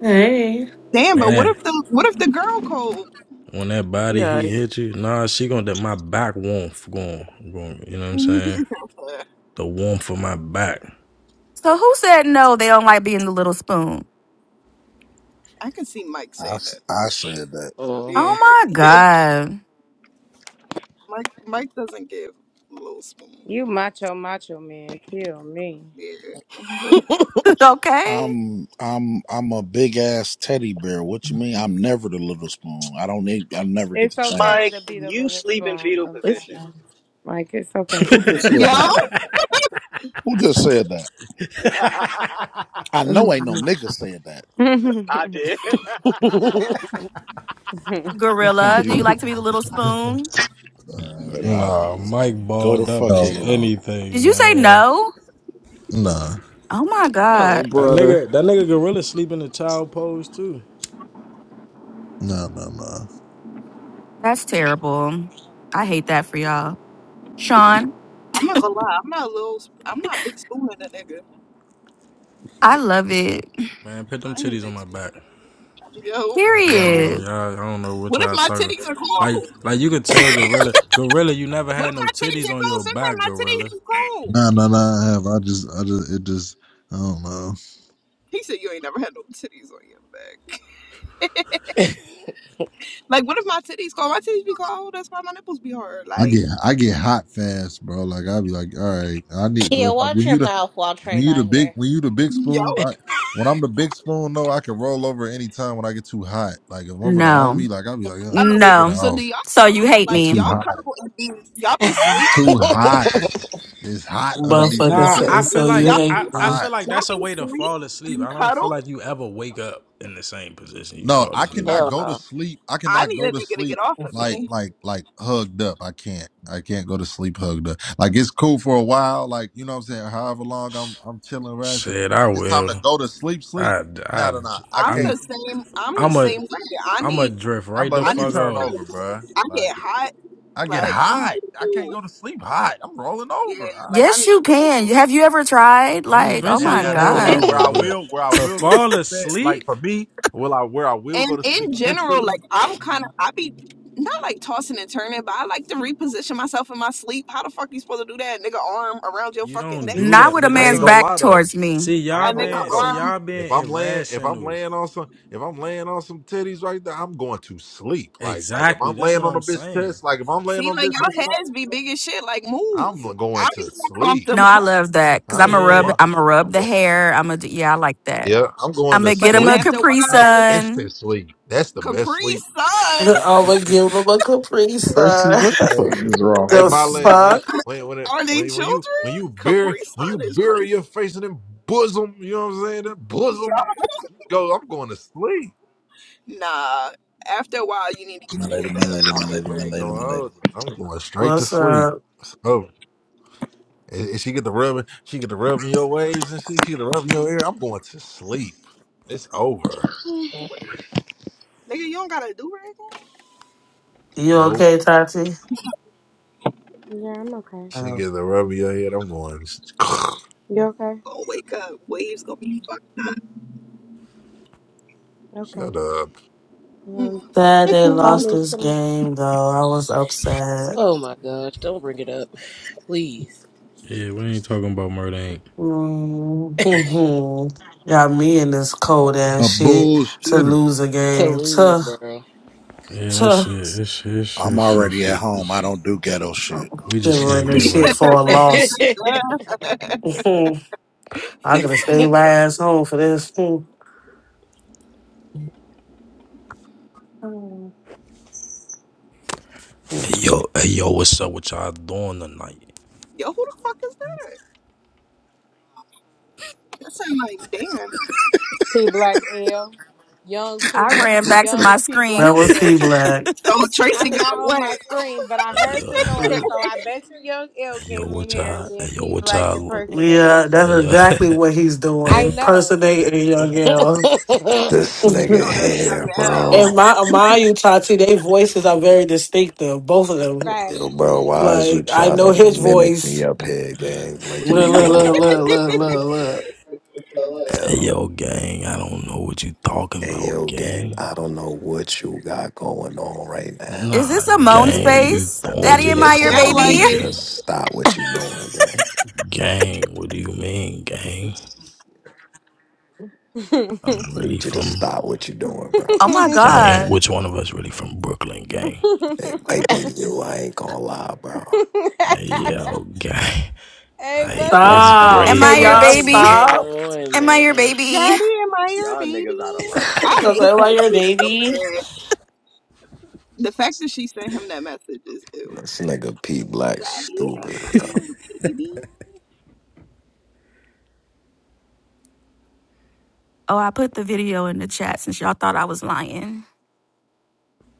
Hey.
Oh,
Damn,
when
man,
but what
that
if the what if the girl cold?
when that body
Yeah.
heat hit you. Nah, she gonna that my back warmth going, going. You know what I'm saying? The warmth of my back.
So
okay,
who said no? They don't like being the little spoon.
I can see Mike
I,
saying that.
s- I said that.
Mm-hmm.
Oh my
Yeah,
god.
Mike Mike doesn't give little spoon.
You macho, macho man. Kill me.
Yeah,
okay,
I'm I'm I'm a big ass teddy bear. What you mean? I'm never the little spoon. I don't need. I never get
It's
the
okay
Mike,
to
chance.
beat up
you
with a
sleep in
spoon
fetal
It's
position.
sometimes. Like, it's okay.
Who just said
yo,
that? Who just said that? I know ain't no
yeah,
nigga said that.
I did.
gorilla. Do
you
you like to be the little spoon?
uh, y'all
Nah,
niggas
Mike
go the
balled up
fuck
No,
as
head on.
Did
anything,
you say
man.
no?
nah,
Oh my god,
Oh,
That
brother.
nigga, that nigga gorilla sleep in the child pose too.
nah, nah, nah,
that's terrible. I hate that for y'all, Sean.
I'm not gonna lie, I'm not a little, sp- I'm not big spoon in a nigga.
I love it.
Man, put them
I ain't
titties on
big
my
spoon
back.
in a nigga. Yo,
I don't
yo,
know,
Period.
y'all. I don't know what
what if
y'all
my
talking.
titties are
Like,
cold?
like you could tell gorilla, gorilla, you never
What
had
if
no
my titties
titties
are
on
cold?
your
Sometimes
back,
my titties
gorilla.
be cold.
nah, nah, nah. I have I just, I just, it just, I don't know.
He said you ain't never had no titties on your back. Like, what if my titties cold? My titties be cold. That's why my nipples be hard.
I
Like,
get, I get hot fast, bro. Like i be like, all right, I need.
Kia,
If I,
watch
when
your
you the,
mouth while Trey
when you the
not
big,
here.
when you the big
yo,
spoon, I, when I'm the big spoon, no, I can roll over anytime when I get too hot. Like if a motherfucker on
No,
me, like i be like, ugh,
oh,
get
no.
so do
off.
y'all
So
cuddle?
you hate
I'm
Like,
too
me?
y'all
hot,
cuddle and be y'all be sleep and
too
Hell
cuddle?
hot. It's hot underneath
Wait,
this
Motherfucker
come
Nah,
on,
cut.
I
say,
feel
so
Tracy,
like
you
y'all
It's
hate
be,
I, I
me.
feel
hot.
like
y'all
that's a
be
way to
sleep
fall asleep.
and
I don't feel
cuddle?
like you ever wake up in the same position you
No,
fall
I
asleep. in.
cannot go to
no.
sleep. I
I
cannot
need a
go to
nigga to get
sleep
off of
like
me.
like like hugged up. I can't. I can't go to sleep hugged up. Like it's cool for a while. Like you know what I'm saying. However long I'm I'm chilling, resting.
Shit, I
When it's time to
will.
go to sleep, sleep.
I,
No,
I,
no, no. I
I'm
I'm,
the
can't.
same. I'm the
I'm a,
same way. I
I'm a
need.
drift
I'm
right
like,
the
I
let me
need.
fuck
turn
off.
over, bruh.
Space. I get
Like
hot.
I get
Like I need
hot.
you to
I can't
move.
go to sleep hot. I'm rolling
Yeah.
over. I-
Like I
Yes,
need
you
you to
can.
move.
Have you ever tried?
I'm
Like, oh
now,
eventually
my
now,
gonna
now.
roll
Where
And.
god,
where
over,
I
but
will where I
to
will go to
fall
sleep at? Like
asleep,
for me, will I where I will go
And
to
in
sleep
general,
instantly?
like I'm kind of I be not like tossing and turning, but I like to reposition myself in my sleep. How the fuck you supposed to do that? Nigga arm around your
you
fucking
don't
neck,
do
not
that.
with a
But
I
that's
man's
what
ain't
I'm
gonna
back
lie though.
towards me.
see
I
y'all
a
ain't gonna
nigga
lie
been see
arm.
though.
y'all
If
been
I'm laying, if I'm
irrational.
laying on some, if I'm laying on some titties right there, I'm going to sleep. Like, like if
Exactly.
I'm
That's
laying
what
on a
I'm
bitch
saying.
test, like if I'm laying
See,
on a
like
bitch test,
your
without-
heads be big as shit. Like move.
I'm going
I
to
be
sleep.
No, I
comfortable,
love that because
I
I'm a
ain't gonna
rub.
Yeah.
lie.
I'm a rub
I'm
the
going,
hair. I'm a Yeah, I like that.
yeah, I'm going
I'm
to
gonna
but
get him
then
a
sleep.
after a
Capri
while,
That's instant
Sun.
sleep. That's the best
Capri
sleep.
Sun.
I'ma give them a caprice.
Tracy,
sign.
what the fuck
Hey,
is wrong
hey,
the
my
with you?
lady, when you,
fuck?
when when it,
Are they
when when you
children?
when you bury
Capri
when
Sun
you
is
bury
crazy.
your face in them bosom, you know what I'm saying? That
Yeah.
bosom, you go. I'm going to sleep.
Nah. After a while, you need to get
My
your
lady,
head
my
up.
lady, my
I'm
lady,
over
I
my
ain't
lady,
gonna
my lady.
hold it. I'm going straight to
What's
sleep.
up?
So if if she get the rubbing, she get the rubbing your waves and she, she get the rubbing your ear. I'm going to sleep. It's over.
with. it. Nigga, you don't gotta do anything.
You
Nope.
okay, Tati?
I'm okay.
She
Um,
get the rubbing your head. I'm going.
You okay?
Gonna wake up. Waves gonna be fucked. up.
Okay.
Shut up.
Mm.
Um,
sad they
call
Mm-mm.
lost
me
this
some
game, though. I was upset.
Oh my gosh, don't bring it up, please.
Yeah, we ain't talking about murder ain't.
Mhm. Got me in this cold ass
A
shit to
bullshitter.
lose a
To
game.
lose,
To,
bro.
Yeah, that
to.
shit. It's shit
I'm
shit shit
already
shit.
at home. I
it's-
don't do ghetto
Oh,
shit.
We just
shivering
can't get
this shit
right.
for a loss. I could
He's
have
so,
stayed my ass home for this. Hmm.
Hey yo, hey yo, what's up? What y'all doing tonight?
yo, who the fuck is that? That sound like Dan.
P Black L. Young P
I
Black,
ran back to
young
my
P
screen.
That
Black
Who
was
was?
P
L.
Black.
Oh, Tracy
I'm
got
not on my
wet.
screen, but I
Hey
heard the
yo,
noise,
Uh,
so I bet you Young L
hey yo,
came in
what
here and
y'all? Hey
then
yo,
P
what
Black
y'all?
impersonated him.
Yeah, that's
Hey yo,
exactly what he's doing.
I know.
Impersonating a Young girl.
This nigga
oh,
and
that's young
here,
L.
bro.
my Amayu Tati, their voices are very distinctive, both of them.
Right.
Yo, bro, why is you
Like I
trying
know
to
his
mimic me
voice.
up here, gang? Like, you
Look,
Mm,
look,
good?
look, look, look, look,
hey
Yo.
yo, gang. I don't know what you talking
Hey,
about,
yo, gang,
gang.
I don't know what you got going on right now.
Is
Nah,
this a moan
look.
gang, you
space?
I
throwing
need
Daddy,
you to,
am
me
I
It
your
s- I
sound
off,
like
baby?
need you
it.
to
gang.
stop what you doing, gang.
Gang, what do you mean, gang?
I
I'm really
need you to
from
stop what you doing,
Oh
bro.
my
gang.
god,
Which one of us really from Brooklyn, gang?
It might be you, I ain't gonna lie, bro.
Hey, yo, gang.
hey,
Like,
what the
it's
fuck?
Stop!
am I
Can
your
what
y'all
Bravehearts,
is
baby?
gang.
going
stop?
on,
Am I your
man?
baby?
Daddy in my ear,
Y'all niggas out of
baby.
line,
I
Cause
hate
I'm
bro.
like
that
your
shit so
baby.
bad. The fact that she sent him that message is ew.
This nigga P Black
Daddy in
stupid,
my
bro.
ear, baby.
Oh, I put the video in the chat since y'all thought I was lying.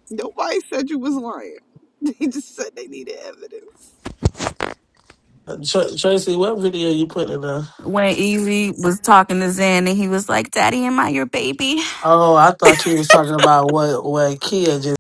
Nobody said you was lying. They just said they needed evidence.
Tr- Tracy, what video you put in there?
When Easy was talking to Zen and he was like, "Daddy, am I your baby?"
Oh, I thought you was talking about what what Kia just